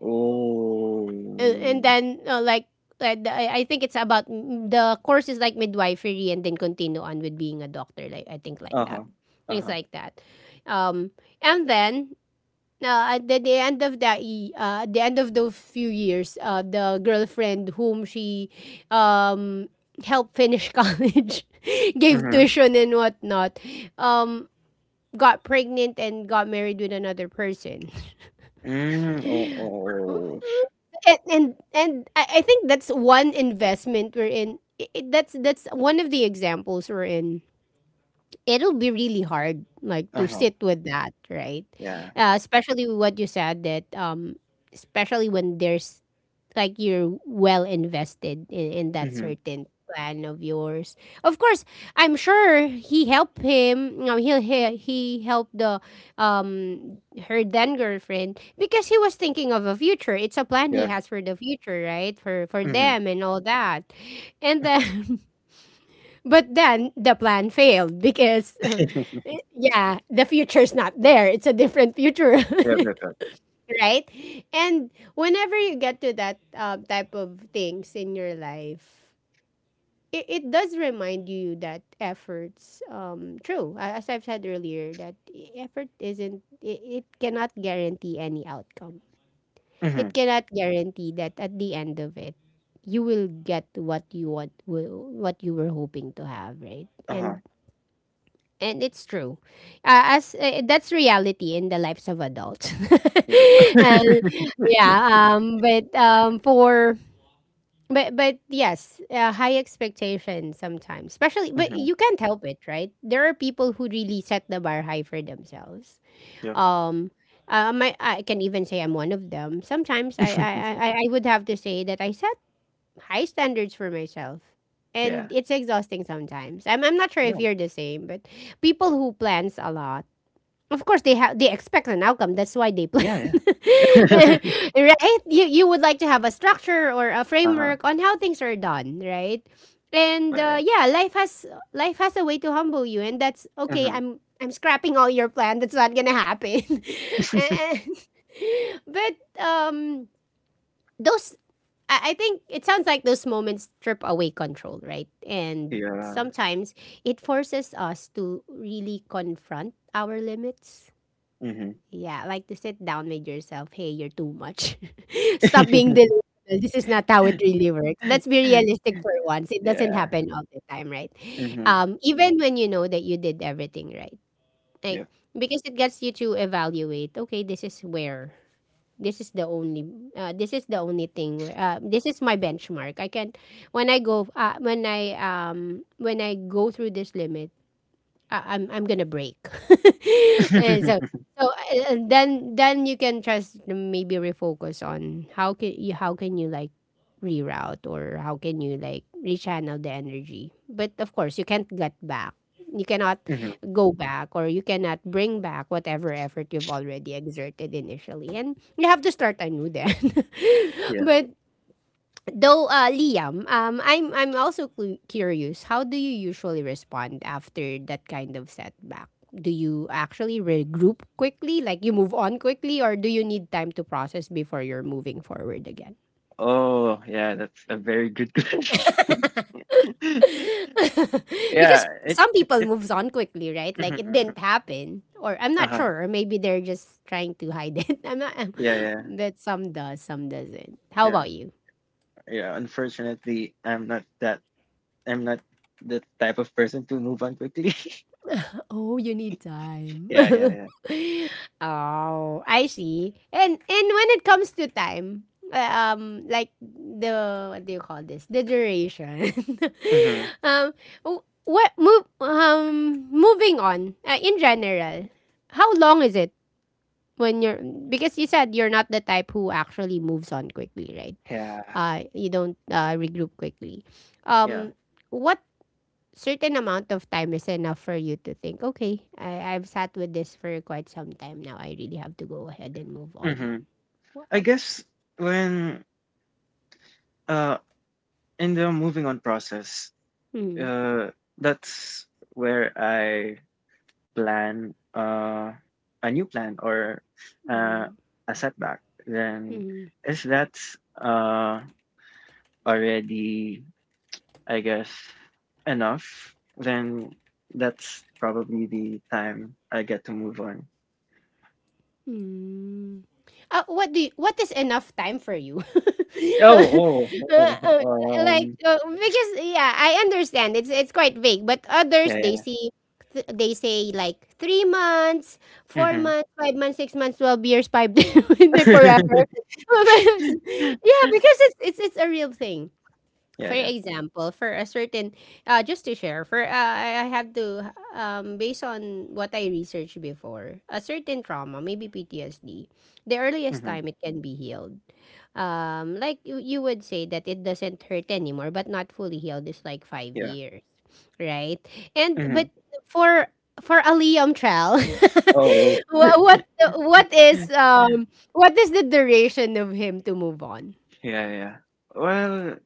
[SPEAKER 2] Oh.
[SPEAKER 1] And then like, I think it's about the course is like midwifery and then continue on with being a doctor, like I think like
[SPEAKER 2] Uh huh.
[SPEAKER 1] that,
[SPEAKER 2] Uh
[SPEAKER 1] things
[SPEAKER 2] huh.
[SPEAKER 1] like that. Um, and then at the end of the y- at the end of those few years, the girlfriend whom she um, helped finish <laughs> college, gave
[SPEAKER 2] Mm-hmm.
[SPEAKER 1] tuition and whatnot, um, got pregnant and got married with another person.
[SPEAKER 2] Mm. Oh. Oh.
[SPEAKER 1] And and, and I think that's one investment we're in. That's one of the examples we're in. It'll be really hard, like to
[SPEAKER 2] Uh huh.
[SPEAKER 1] sit with that, right?
[SPEAKER 2] Yeah.
[SPEAKER 1] Especially with what you said that especially when there's like you're well invested in that
[SPEAKER 2] Mm-hmm.
[SPEAKER 1] certain plan of yours. Of course, I'm sure he helped him. You know, he helped the um her then girlfriend, because he was thinking of a future. It's a plan he
[SPEAKER 2] Yeah.
[SPEAKER 1] has for the future, right? For
[SPEAKER 2] Mm-hmm.
[SPEAKER 1] them and all that. And then, <laughs> but then the plan failed because <laughs>
[SPEAKER 2] <laughs>
[SPEAKER 1] yeah, the future's not there. It's a different future. <laughs>
[SPEAKER 2] Yeah, yeah, yeah.
[SPEAKER 1] right? And whenever you get to that type of things in your life, it does remind you that efforts, true, as I've said earlier, that effort isn't, it cannot guarantee any outcome.
[SPEAKER 2] Mhm,
[SPEAKER 1] It cannot guarantee that at the end of it, you will get what you want, will what you were hoping to have, right?
[SPEAKER 2] uh-huh,
[SPEAKER 1] And it's true. As That's reality in the lives of adults.
[SPEAKER 2] yeah.
[SPEAKER 1] <laughs> and
[SPEAKER 2] <laughs>
[SPEAKER 1] yeah, but for but but yes, high expectations sometimes, especially. But
[SPEAKER 2] Mhm,
[SPEAKER 1] you can't help it, right? There are people who really set the bar high for themselves.
[SPEAKER 2] yeah.
[SPEAKER 1] Um. My I can even say I'm one of them. Sometimes I, I,
[SPEAKER 2] <laughs>
[SPEAKER 1] I I would have to say that I set high standards for myself.
[SPEAKER 2] Yeah.
[SPEAKER 1] And it's exhausting sometimes. I'm not sure if
[SPEAKER 2] Yeah.
[SPEAKER 1] you're the same, but people who plans a lot, of course they expect an outcome. That's why they plan.
[SPEAKER 2] Yeah, yeah. <laughs>
[SPEAKER 1] <laughs> Right? You would like to have a structure or a
[SPEAKER 2] Uh-huh,
[SPEAKER 1] framework on how things are done, right? And
[SPEAKER 2] yeah,
[SPEAKER 1] yeah, life has a way to humble you, and that's
[SPEAKER 2] yeah.
[SPEAKER 1] okay.
[SPEAKER 2] Mhm.
[SPEAKER 1] I'm scrapping all your plan. That's not going to happen. <laughs>
[SPEAKER 2] <laughs>
[SPEAKER 1] And- but those I think it sounds like those moments strip away control, right? And
[SPEAKER 2] Yeah,
[SPEAKER 1] sometimes it forces us to really confront our limits.
[SPEAKER 2] mhm.
[SPEAKER 1] Yeah, like to sit down with yourself. Hey, you're too much. <laughs> Stop being delusional. This is not how it
[SPEAKER 2] <laughs>
[SPEAKER 1] really works. Let's be realistic for once. It doesn't
[SPEAKER 2] Yeah,
[SPEAKER 1] happen all the time, right?
[SPEAKER 2] mhm,
[SPEAKER 1] Even when you know that you did everything right, like,
[SPEAKER 2] yeah.
[SPEAKER 1] because it gets you to evaluate. Okay, this is where this is the only this is the only thing where, this is my benchmark. I can when I go through this limit, I'm gonna break. <laughs> and so
[SPEAKER 2] <laughs>
[SPEAKER 1] so and then you can just maybe refocus on how can you reroute, or how can you like rechannel the energy. But of course, you can't get back. You cannot
[SPEAKER 2] Mhm,
[SPEAKER 1] go back, or you cannot bring back whatever effort you've already exerted initially. And you have to start anew then. <laughs>
[SPEAKER 2] yeah.
[SPEAKER 1] but Though Liam, I'm also curious. How do you usually respond after that kind of setback? Do you actually regroup quickly, like you move on quickly, or do you need time to process before you're moving forward again?
[SPEAKER 2] Oh, yeah, that's a very good <laughs> question. <laughs>
[SPEAKER 1] <laughs>
[SPEAKER 2] Yeah,
[SPEAKER 1] Because
[SPEAKER 2] it
[SPEAKER 1] some people moves on quickly, right?
[SPEAKER 2] Mhm,
[SPEAKER 1] Like it didn't
[SPEAKER 2] mhm.
[SPEAKER 1] happen, or I'm not
[SPEAKER 2] Uh-huh.
[SPEAKER 1] sure, or maybe they're just trying to hide it. <laughs> I'm not. <laughs>
[SPEAKER 2] Yeah, yeah,
[SPEAKER 1] But some does, some doesn't. How
[SPEAKER 2] yeah,
[SPEAKER 1] about you?
[SPEAKER 2] yeah. Unfortunately, I'm not the type of person to move on quickly. <laughs>
[SPEAKER 1] Oh, you need time.
[SPEAKER 2] Yeah, yeah,
[SPEAKER 1] <laughs>
[SPEAKER 2] yeah.
[SPEAKER 1] Oh, I see. And when it comes to time, uh, like, the what do you call this? The duration.
[SPEAKER 2] Mhm.
[SPEAKER 1] <laughs> um, wh- what move? Moving on. In general, how long is it when you're? Because you said you're not the type who actually moves on quickly, right?
[SPEAKER 2] Yeah,
[SPEAKER 1] You don't regroup quickly.
[SPEAKER 2] yeah.
[SPEAKER 1] Um, what certain amount of time is enough for you to think, okay, I've sat with this for quite some time now. I really have to go ahead and move on.
[SPEAKER 2] Mhm. I
[SPEAKER 1] Wow.
[SPEAKER 2] guess when uh in the moving on process,
[SPEAKER 1] Hmm.
[SPEAKER 2] uh that's where I plan a new plan or uh
[SPEAKER 1] Hmm.
[SPEAKER 2] a setback. Then
[SPEAKER 1] Hmm.
[SPEAKER 2] is that's uh already, I guess, enough, then that's probably the time I get to move on.
[SPEAKER 1] Mm. What do you, what is enough time for you? <laughs> uh,
[SPEAKER 2] Oh, oh,
[SPEAKER 1] uh,
[SPEAKER 2] oh,
[SPEAKER 1] because yeah, I understand it's quite vague, but others they
[SPEAKER 2] yeah,
[SPEAKER 1] see they say like 3 months,
[SPEAKER 2] yeah.
[SPEAKER 1] four
[SPEAKER 2] Hmm.
[SPEAKER 1] months, 5 months, 6 months, 12 years, five <laughs>
[SPEAKER 2] <laughs>
[SPEAKER 1] forever. <laughs> Yeah, because it's a real thing. For
[SPEAKER 2] Yeah, yeah.
[SPEAKER 1] example, for a certain, just to share, for I have to, based on what I researched before, a certain trauma, maybe PTSD, the earliest
[SPEAKER 2] Mhm.
[SPEAKER 1] time it can be healed. Like, you would say that it doesn't hurt anymore, but not fully healed is like five
[SPEAKER 2] Yeah.
[SPEAKER 1] years, right? And
[SPEAKER 2] Mhm.
[SPEAKER 1] but for a Liam trial, <laughs>
[SPEAKER 2] Oh.
[SPEAKER 1] wha- what
[SPEAKER 2] <laughs>
[SPEAKER 1] what is the duration of him to move on?
[SPEAKER 2] Yeah, yeah. Well,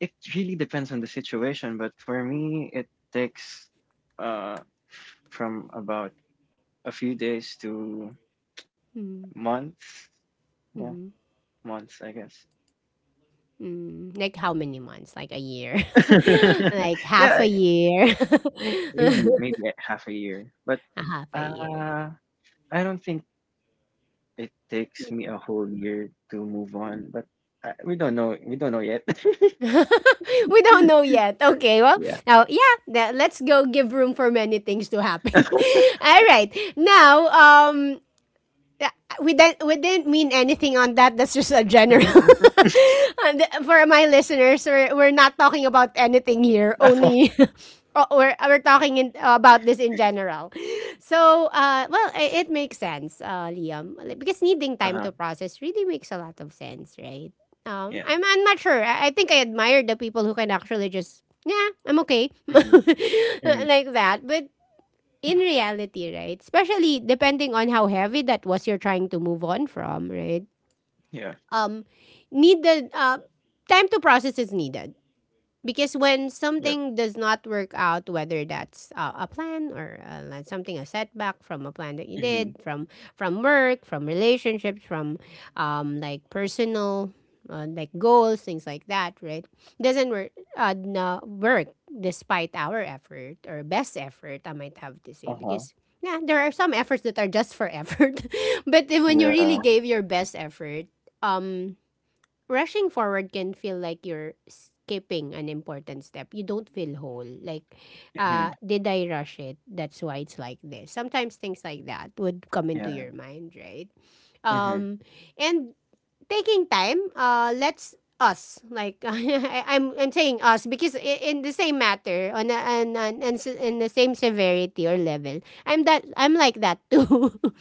[SPEAKER 2] it really depends on the situation, but for me, it takes uh from about a few days to
[SPEAKER 1] Mm-hmm.
[SPEAKER 2] months. Yeah, months, I guess.
[SPEAKER 1] Mm, like how many months? Like a year?
[SPEAKER 2] <laughs>
[SPEAKER 1] <laughs> Like half
[SPEAKER 2] Yeah,
[SPEAKER 1] a year? <laughs>
[SPEAKER 2] maybe
[SPEAKER 1] A
[SPEAKER 2] maybe half a year, but
[SPEAKER 1] half a year.
[SPEAKER 2] uh, I don't think it takes me a whole year to move on. But we don't know. We don't know yet. <laughs>
[SPEAKER 1] <laughs> We don't know yet. Okay, well,
[SPEAKER 2] Yeah.
[SPEAKER 1] now, yeah, now let's go give room for many things to happen. <laughs> All right. Now, yeah, we didn't mean anything on that. That's just a
[SPEAKER 2] Mhm,
[SPEAKER 1] general.
[SPEAKER 2] mhm.
[SPEAKER 1] <laughs> And for my listeners, we're not talking about anything here. Only
[SPEAKER 2] <laughs>
[SPEAKER 1] <laughs> we're talking about this in general. So, well, it makes sense, Liam. Like, because needing time to
[SPEAKER 2] Uh-huh.
[SPEAKER 1] process really makes a lot of sense, right?
[SPEAKER 2] Yeah.
[SPEAKER 1] I'm not sure. I think I admire the people who can actually just yeah, I'm okay, <laughs>
[SPEAKER 2] Mhm, mhm,
[SPEAKER 1] like that. But in reality, right? Especially depending on how heavy that was you're trying to move on from, right?
[SPEAKER 2] yeah,
[SPEAKER 1] Um, need the time to process is needed. Because when
[SPEAKER 2] yeah,
[SPEAKER 1] something does not work out, whether that's a plan, or like something, a setback from a plan that you
[SPEAKER 2] mhm,
[SPEAKER 1] did, from work, from relationships, from like personal like goals, things like that, right? Doesn't work despite our effort, or best effort, I might have to say,
[SPEAKER 2] uh-huh,
[SPEAKER 1] because yeah, there are some efforts that are just for effort, <laughs> but then when you
[SPEAKER 2] yeah,
[SPEAKER 1] really gave your best effort, um, rushing forward can feel like you're skipping an important step. You don't feel whole. Like,
[SPEAKER 2] mhm,
[SPEAKER 1] did I rush it? That's why it's like this. Sometimes things like that would come into
[SPEAKER 2] yeah,
[SPEAKER 1] your mind, right?
[SPEAKER 2] mhm.
[SPEAKER 1] Um, and taking time let's us like <laughs> I'm saying us because in the same matter on a, on, on s- in the same severity or level, I'm like that too. <laughs>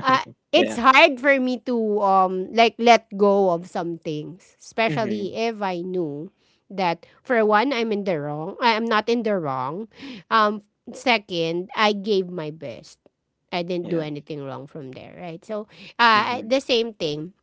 [SPEAKER 1] Uh, it's
[SPEAKER 2] Yeah,
[SPEAKER 1] hard for me to like let go of some things,
[SPEAKER 2] mhm,
[SPEAKER 1] especially if I knew that, for one, I'm in the wrong I- am not in the wrong, um second, I gave my best, I didn't do
[SPEAKER 2] yeah,
[SPEAKER 1] anything wrong from there, right? So
[SPEAKER 2] mhm,
[SPEAKER 1] the same thing.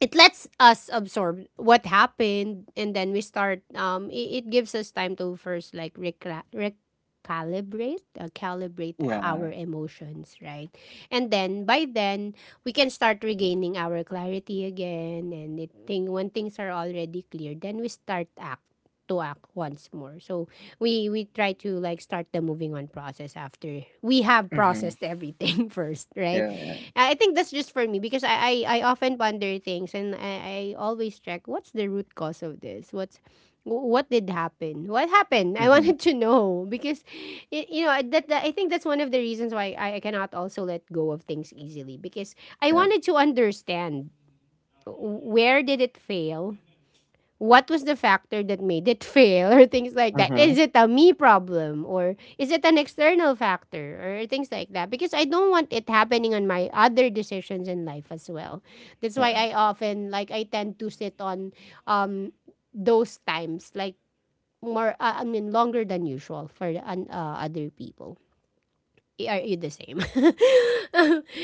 [SPEAKER 1] It lets us absorb what happened, and then we start um, it gives us time to first like recalibrate calibrate our
[SPEAKER 2] yeah,
[SPEAKER 1] emotions, right? And then by then we can start regaining our clarity again. And it thing when things are already clear, then we start act to act once more. So we try to like start the moving on process after we have
[SPEAKER 2] mhm,
[SPEAKER 1] processed everything <laughs> first, right?
[SPEAKER 2] yeah,
[SPEAKER 1] I think that's just for me, because I often ponder things. And I always check what's the root cause of this, what's wh- what did happen what happened. I
[SPEAKER 2] yeah,
[SPEAKER 1] <laughs>
[SPEAKER 2] mhm,
[SPEAKER 1] wanted to know, because you know that I think that's one of the reasons why I cannot also let go of things easily, because I
[SPEAKER 2] yeah,
[SPEAKER 1] wanted to understand where did it fail, what was the factor that made it fail, <laughs> or things like that. Is
[SPEAKER 2] mhm,
[SPEAKER 1] it a me problem, or is it an external factor, or things like that? Because I don't want it happening on my other decisions in life as well. That's why
[SPEAKER 2] yeah,
[SPEAKER 1] I often like I tend to sit on um those times like more I mean longer than usual for an, other people. Are you the same?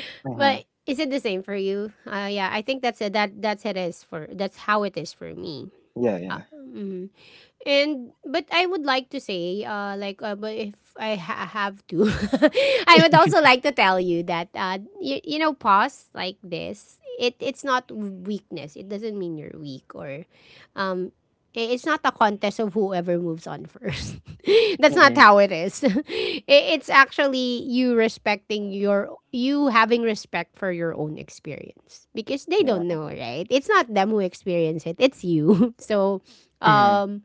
[SPEAKER 1] <laughs> But
[SPEAKER 2] mhm,
[SPEAKER 1] is it the same for you? Yeah, I think that's it that that's it is for that's how it is for me.
[SPEAKER 2] yeah, yeah,
[SPEAKER 1] Mhm. And but I would like to say, but if I have to, <laughs> I would also like to tell you that, you know, pause like this. It's not weakness. It doesn't mean you're weak, or, um, it's not a contest of whoever moves on first. <laughs> That's not
[SPEAKER 2] mhm,
[SPEAKER 1] how it is. <laughs> It's actually you respecting you having respect for your own experience, because they
[SPEAKER 2] yeah,
[SPEAKER 1] don't know, right? It's not them who experience it. It's you. <laughs> So,
[SPEAKER 2] mhm,
[SPEAKER 1] um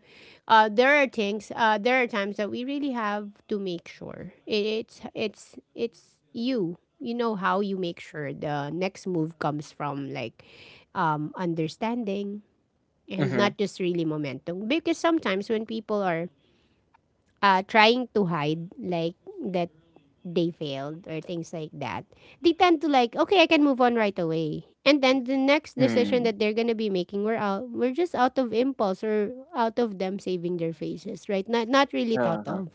[SPEAKER 1] there are things, there are times that we really have to make sure it's it's you. You know how you make sure the next move comes from like understanding, and
[SPEAKER 2] mhm,
[SPEAKER 1] not just really momentum. Because sometimes when people are trying to hide like that they failed or things like that, they tend to like, okay, I can move on right away. And then the next decision
[SPEAKER 2] mm,
[SPEAKER 1] that they're gonna be making, we're out, we're just out of impulse, or out of them saving their faces, right? Not really thought
[SPEAKER 2] uh-huh,
[SPEAKER 1] of,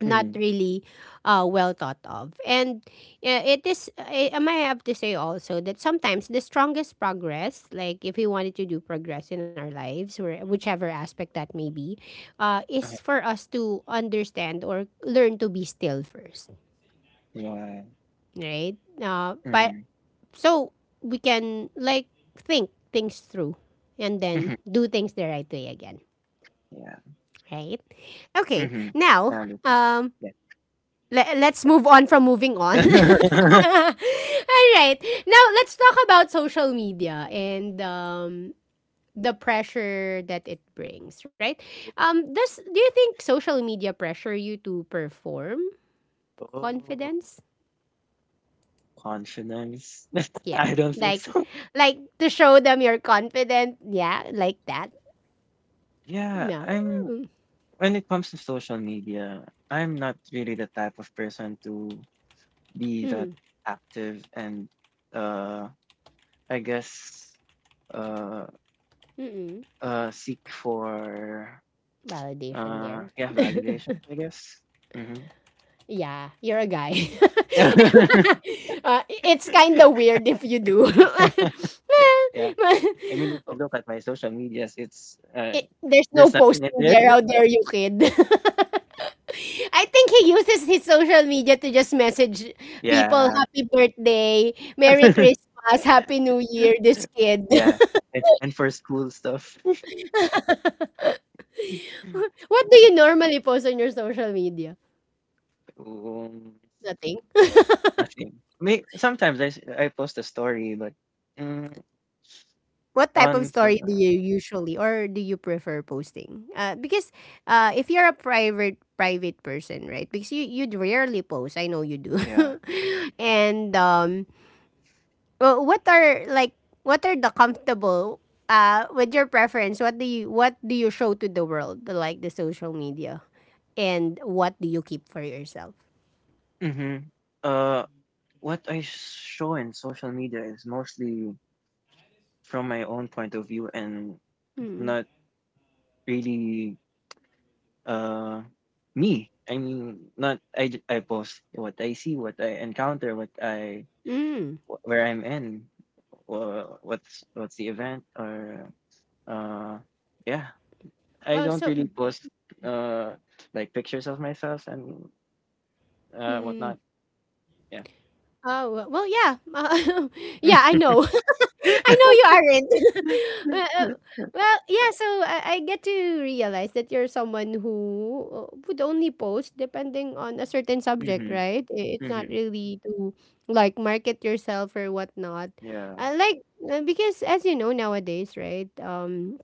[SPEAKER 1] not
[SPEAKER 2] mhm,
[SPEAKER 1] really, well thought of. And it is, I might have to say also that sometimes the strongest progress, like if we wanted to do progress in our lives, or whichever aspect that may be, is
[SPEAKER 2] uh-huh,
[SPEAKER 1] for us to understand, or learn to be still first,
[SPEAKER 2] yeah,
[SPEAKER 1] right? But
[SPEAKER 2] mhm,
[SPEAKER 1] so we can like think things through, and then
[SPEAKER 2] mhm,
[SPEAKER 1] do things the right way again,
[SPEAKER 2] yeah,
[SPEAKER 1] right? Okay,
[SPEAKER 2] mhm, I
[SPEAKER 1] now
[SPEAKER 2] understand,
[SPEAKER 1] um,
[SPEAKER 2] yeah.
[SPEAKER 1] let's move on from moving on. <laughs>
[SPEAKER 2] <laughs>
[SPEAKER 1] All right, now let's talk about social media and the pressure that it brings, right? Does do you think social media pressure you to perform
[SPEAKER 2] Oh,
[SPEAKER 1] confidence?
[SPEAKER 2] confidence. <laughs>
[SPEAKER 1] Yeah.
[SPEAKER 2] I don't think so.
[SPEAKER 1] Like to show them you're confident. Yeah, like that.
[SPEAKER 2] Yeah,
[SPEAKER 1] No.
[SPEAKER 2] I'm
[SPEAKER 1] Mm,
[SPEAKER 2] When it comes to social media, I'm not really the type of person to be that
[SPEAKER 1] mm
[SPEAKER 2] active and uh I guess uh
[SPEAKER 1] Mm-mm.
[SPEAKER 2] seek for
[SPEAKER 1] Validation there.
[SPEAKER 2] yeah, validation, I guess. Hmm.
[SPEAKER 1] Yeah, you're a guy. <laughs>
[SPEAKER 2] <laughs>
[SPEAKER 1] It's kind of weird if you do. <laughs>
[SPEAKER 2] <laughs> Yeah. I mean if you look at my social medias, it's
[SPEAKER 1] It, there's no
[SPEAKER 2] there's nothing in
[SPEAKER 1] posting there.
[SPEAKER 2] there.
[SPEAKER 1] How
[SPEAKER 2] <laughs>
[SPEAKER 1] dare you, kid? <laughs> I think he uses his social media to just message people
[SPEAKER 2] Yeah.
[SPEAKER 1] happy birthday, merry
[SPEAKER 2] <laughs>
[SPEAKER 1] christmas, happy new year this kid.
[SPEAKER 2] Yeah. And for school stuff.
[SPEAKER 1] <laughs> <laughs>
[SPEAKER 2] <laughs>
[SPEAKER 1] What do you normally post on your social media?
[SPEAKER 2] Um,
[SPEAKER 1] Nothing.
[SPEAKER 2] nothing. May Sometimes I post a story, but, mm,
[SPEAKER 1] What type of
[SPEAKER 2] on
[SPEAKER 1] story do
[SPEAKER 2] the
[SPEAKER 1] you usually or do you prefer posting? Because if you're a private person, right? Because you'd rarely post. I know you do.
[SPEAKER 2] yeah.
[SPEAKER 1] <laughs> and Well, what are like what are the comfortable with your preference? What do you show to the world, like the social media, and what do you keep for yourself?
[SPEAKER 2] Mhm. Uh, what I show in social media is mostly from my own point of view and
[SPEAKER 1] Hmm.
[SPEAKER 2] not really, uh, me. I mean, not I j I post what I see, what I encounter, what I
[SPEAKER 1] Mm.
[SPEAKER 2] wh where I'm in, what's the event or, uh, yeah. I
[SPEAKER 1] Oh,
[SPEAKER 2] don't really
[SPEAKER 1] so.
[SPEAKER 2] post uh like pictures of myself and
[SPEAKER 1] Mm.
[SPEAKER 2] whatnot. Yeah. <laughs>
[SPEAKER 1] Oh, well, yeah. <laughs> Yeah, I know. <laughs> I know you aren't. <laughs> well, uh, well, yeah, so I get to realize that you're someone who would only post depending on a certain subject,
[SPEAKER 2] Mhm.
[SPEAKER 1] right? I- It's not
[SPEAKER 2] Mhm.
[SPEAKER 1] really to like market yourself or whatnot.
[SPEAKER 2] Yeah.
[SPEAKER 1] Uh, like, because as you know nowadays, right?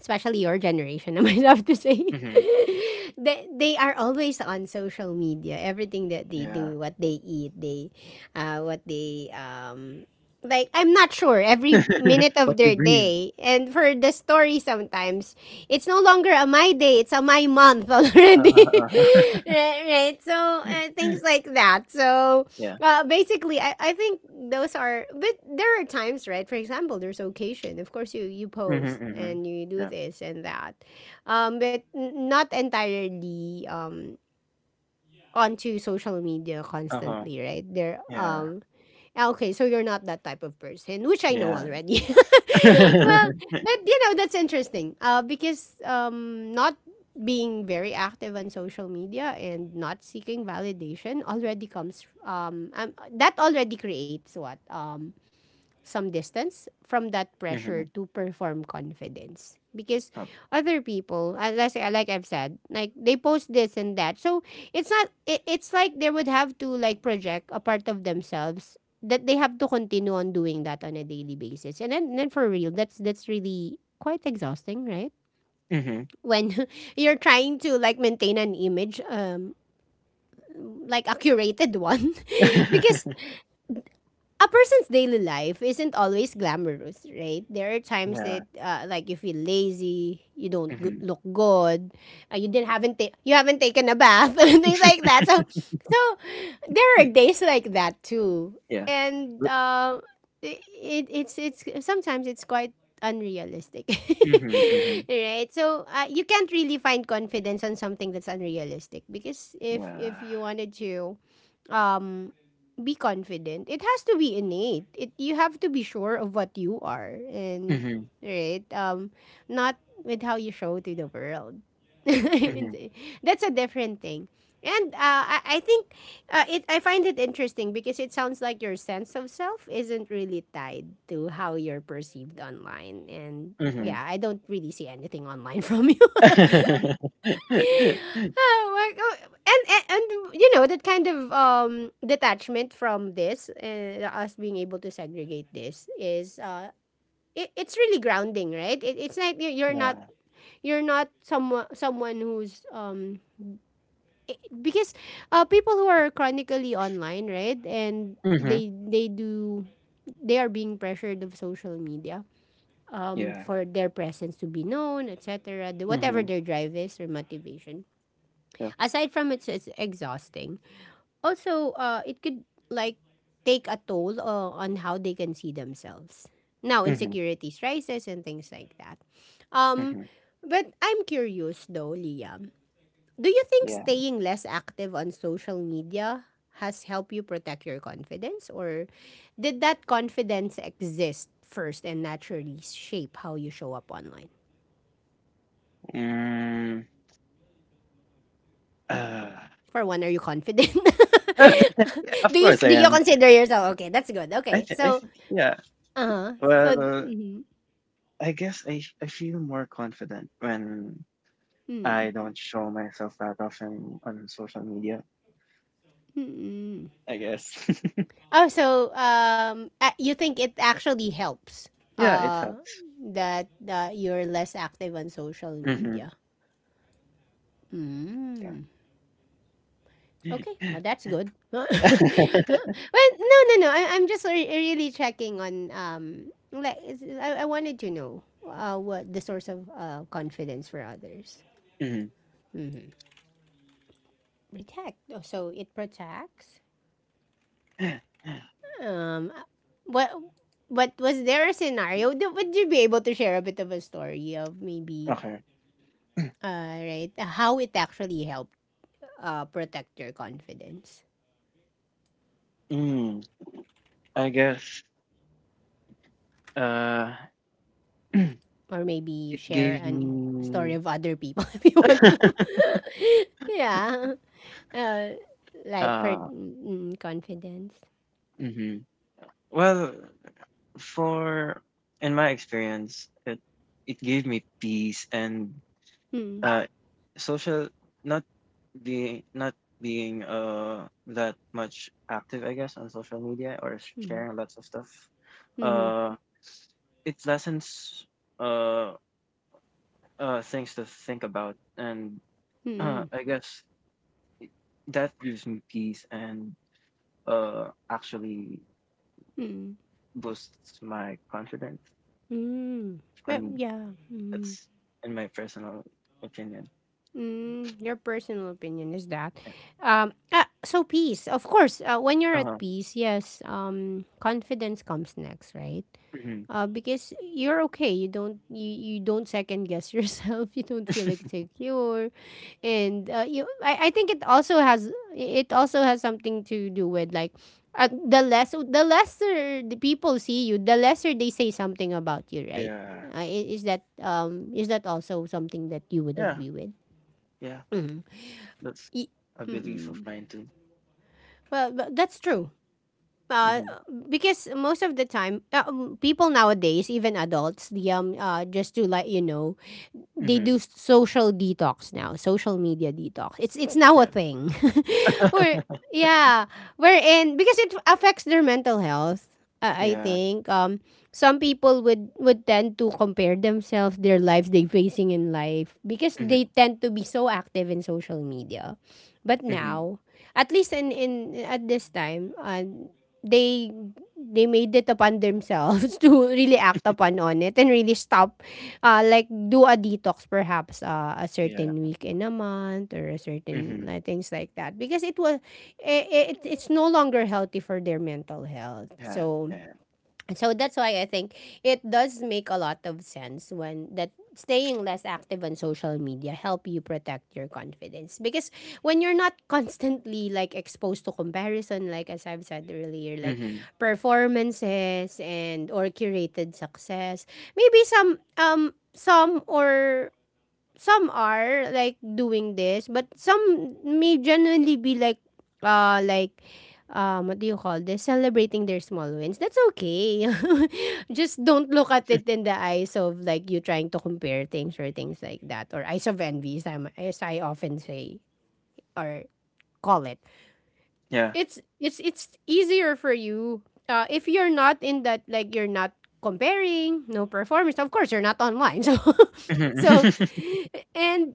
[SPEAKER 1] Especially your generation, <laughs> I might have to say,
[SPEAKER 2] Mhm.
[SPEAKER 1] <laughs> they are always on social media. Everything that they
[SPEAKER 2] Yeah.
[SPEAKER 1] do, what they eat, they, what they, like, I'm not sure every
[SPEAKER 2] <laughs>
[SPEAKER 1] minute of
[SPEAKER 2] What they
[SPEAKER 1] their
[SPEAKER 2] breathe.
[SPEAKER 1] day. And for the story, sometimes it's no longer a my day, it's a my month
[SPEAKER 2] Uh
[SPEAKER 1] already.
[SPEAKER 2] huh. Uh-huh. Uh-huh.
[SPEAKER 1] <laughs> Right, right. So,
[SPEAKER 2] <laughs>
[SPEAKER 1] things like that. So,
[SPEAKER 2] Yeah.
[SPEAKER 1] basically, I think those are, but there are times, right? For example, there's occasion. Of course, you
[SPEAKER 2] Mhm.
[SPEAKER 1] post
[SPEAKER 2] Mhm.
[SPEAKER 1] and you do
[SPEAKER 2] Yeah.
[SPEAKER 1] this and that, but n- not entirely onto social media
[SPEAKER 2] Uh-huh.
[SPEAKER 1] constantly, right? There
[SPEAKER 2] Yeah.
[SPEAKER 1] Ah, okay, so you're not that type of person, which I know
[SPEAKER 2] Yeah.
[SPEAKER 1] already. <laughs> Well,
[SPEAKER 2] <laughs>
[SPEAKER 1] but you know, that's interesting. Because um not being very active on social media and not seeking validation already comes that already creates what some distance from that pressure
[SPEAKER 2] Mhm.
[SPEAKER 1] to perform confidence because
[SPEAKER 2] Oh.
[SPEAKER 1] other people let's say, like I've said like they post this and that so it's not it, it's like they would have to like project a part of themselves that they have to continue on doing that on a daily basis, and then for real that's really quite exhausting, right?
[SPEAKER 2] Mhm.
[SPEAKER 1] When <laughs> you're trying to like maintain an image like a curated one. <laughs> Because
[SPEAKER 2] <laughs>
[SPEAKER 1] a person's daily life isn't always glamorous, right? There are times
[SPEAKER 2] Yeah.
[SPEAKER 1] that like you feel lazy, you don't go-
[SPEAKER 2] Mhm.
[SPEAKER 1] look good, you didn't haven't ta- you haven't taken a bath <laughs> and things like that. So there are days like that too,
[SPEAKER 2] Yeah.
[SPEAKER 1] and
[SPEAKER 2] Wi-
[SPEAKER 1] it's sometimes it's quite unrealistic. <laughs>
[SPEAKER 2] Mhm. Mhm.
[SPEAKER 1] Right, so you can't really find confidence on something that's unrealistic because if
[SPEAKER 2] Yeah.
[SPEAKER 1] you wanted to um, be confident. It has to be innate. It you have to be sure of what you are, and
[SPEAKER 2] Mhm.
[SPEAKER 1] right not with how you show to the world.
[SPEAKER 2] Mhm.
[SPEAKER 1] <laughs> That's a different thing. And I think it I find it interesting because it sounds like your sense of self isn't really tied to how you're perceived online, and yeah, I
[SPEAKER 2] Mhm.
[SPEAKER 1] don't really see anything online <laughs> from you.
[SPEAKER 2] <laughs>
[SPEAKER 1] Oh, my go- and you know that kind of detachment from this and us being able to segregate this is it's really grounding, right? It's like you- you're not
[SPEAKER 2] Yeah.
[SPEAKER 1] someone who's because people who are chronically online, right? And
[SPEAKER 2] Mhm.
[SPEAKER 1] they do they are being pressured of social media
[SPEAKER 2] Yeah.
[SPEAKER 1] for their presence to be known, etc., the- whatever
[SPEAKER 2] Mhm.
[SPEAKER 1] their drive is or motivation
[SPEAKER 2] Yeah.
[SPEAKER 1] aside from it's exhausting. Also, it could like take a toll on how they can see themselves. Now,
[SPEAKER 2] Mhm,
[SPEAKER 1] insecurities rises and things like that. Um,
[SPEAKER 2] mhm.
[SPEAKER 1] but I'm curious though, Liam. Do you think
[SPEAKER 2] Yeah.
[SPEAKER 1] staying less active on social media has helped you protect your confidence, or did that confidence exist first and naturally shape how you show up online?
[SPEAKER 2] Mm, uh,
[SPEAKER 1] For one, are you confident? <laughs>
[SPEAKER 2] <laughs> uh,
[SPEAKER 1] do
[SPEAKER 2] of
[SPEAKER 1] you
[SPEAKER 2] course I
[SPEAKER 1] do you
[SPEAKER 2] am.
[SPEAKER 1] consider yourself okay? That's good.
[SPEAKER 2] I
[SPEAKER 1] Okay,
[SPEAKER 2] thi I
[SPEAKER 1] so
[SPEAKER 2] think yeah.
[SPEAKER 1] uh-huh. So
[SPEAKER 2] Well,
[SPEAKER 1] mhm.
[SPEAKER 2] I guess I feel more confident when
[SPEAKER 1] Mm.
[SPEAKER 2] I don't show myself that often on social media,
[SPEAKER 1] Mm.
[SPEAKER 2] I guess. <laughs>
[SPEAKER 1] Oh, so you think it actually helps
[SPEAKER 2] Yeah, it
[SPEAKER 1] uh
[SPEAKER 2] helps.
[SPEAKER 1] that you're less active on social media.
[SPEAKER 2] Mhm, yeah.
[SPEAKER 1] Mm. Okay, well
[SPEAKER 2] <laughs>
[SPEAKER 1] that's good. <laughs> Well, no, no, no. I'm just re- really checking on like is- I wanted to know what the source of confidence for others.
[SPEAKER 2] Mhm.
[SPEAKER 1] Mhm. Protect. Oh, so it protects. Um, what what was there a scenario? Do- Would you be able to share a bit of a story of maybe
[SPEAKER 2] Okay.
[SPEAKER 1] right how it actually helped protect your confidence,
[SPEAKER 2] Mm, I guess, uh, <clears throat> it
[SPEAKER 1] or maybe share
[SPEAKER 2] gave
[SPEAKER 1] an a story
[SPEAKER 2] me,
[SPEAKER 1] of other people <laughs> if you want to?
[SPEAKER 2] <laughs>
[SPEAKER 1] <laughs> Yeah. Uh,
[SPEAKER 2] uh
[SPEAKER 1] confidence.
[SPEAKER 2] mhm. Well, for in my experience, it gave me peace and
[SPEAKER 1] Mm,
[SPEAKER 2] uh social not not being that much active, I guess, on social media or
[SPEAKER 1] mm,
[SPEAKER 2] sharing lots of stuff.
[SPEAKER 1] mm,
[SPEAKER 2] Uh it lessens uh things to think about and
[SPEAKER 1] mm,
[SPEAKER 2] <clears throat>
[SPEAKER 1] mm,
[SPEAKER 2] I guess that gives me peace and actually
[SPEAKER 1] mm.
[SPEAKER 2] boosts my confidence
[SPEAKER 1] Mm,
[SPEAKER 2] for me.
[SPEAKER 1] Yeah. Hmm.
[SPEAKER 2] That's in my personal opinion.
[SPEAKER 1] Mm, your personal opinion is that. So peace, of course. When you're at
[SPEAKER 2] Uh-huh.
[SPEAKER 1] peace, yes. Confidence comes next, right?
[SPEAKER 2] Mhm.
[SPEAKER 1] Because you're okay. You don't second guess <laughs> yourself. You don't feel
[SPEAKER 2] <laughs>
[SPEAKER 1] insecure, and I think it also has something to do with like, the lesser the people see you, the lesser they say something about you, right?
[SPEAKER 2] Yeah.
[SPEAKER 1] Is that also something that you would
[SPEAKER 2] Yeah.
[SPEAKER 1] agree with?
[SPEAKER 2] Yeah. That's
[SPEAKER 1] Ye-
[SPEAKER 2] a belief of
[SPEAKER 1] mm,
[SPEAKER 2] mine too.
[SPEAKER 1] well, but that's true uh,
[SPEAKER 2] Mhm.
[SPEAKER 1] because most of the time, people nowadays, even adults, the just to let you know, they do
[SPEAKER 2] Mhm.
[SPEAKER 1] s- social detox now, social media detox. It's now a
[SPEAKER 2] Yeah.
[SPEAKER 1] thing, <laughs> or
[SPEAKER 2] <laughs>
[SPEAKER 1] yeah, wherein because it affects their mental health. I
[SPEAKER 2] Yeah.
[SPEAKER 1] think some people would tend to compare themselves, their lives they facing in life, because they
[SPEAKER 2] Mhm.
[SPEAKER 1] tend to be so active in social media. But
[SPEAKER 2] Mhm.
[SPEAKER 1] now, at least in at this time, they they made it upon themselves <laughs> to really act upon on it and really stop like do a detox perhaps a
[SPEAKER 2] Yeah.
[SPEAKER 1] certain week in a month or a certain
[SPEAKER 2] Mhm.
[SPEAKER 1] things like that because it it's no longer healthy for their mental health,
[SPEAKER 2] Yeah.
[SPEAKER 1] so
[SPEAKER 2] Yeah.
[SPEAKER 1] so that's why I think it does make a lot of sense when that staying less active on social media help you protect your confidence because when you're not constantly like exposed to comparison, like as I've said earlier, like
[SPEAKER 2] Mhm.
[SPEAKER 1] performances and or curated success. Maybe some or some are like doing this, but some may generally be like uh like what do you call this? Celebrating their small wins. That's okay. <laughs> Just don't look at it in the eyes of like you trying to compare things or things like that, or eyes of envy, as, I'm, as I often say or call it.
[SPEAKER 2] Yeah.
[SPEAKER 1] It's easier for you if you're not in that, like you're not comparing, no performance. Of course, you're not online. So <laughs>
[SPEAKER 2] Mhm.
[SPEAKER 1] so
[SPEAKER 2] <laughs>
[SPEAKER 1] and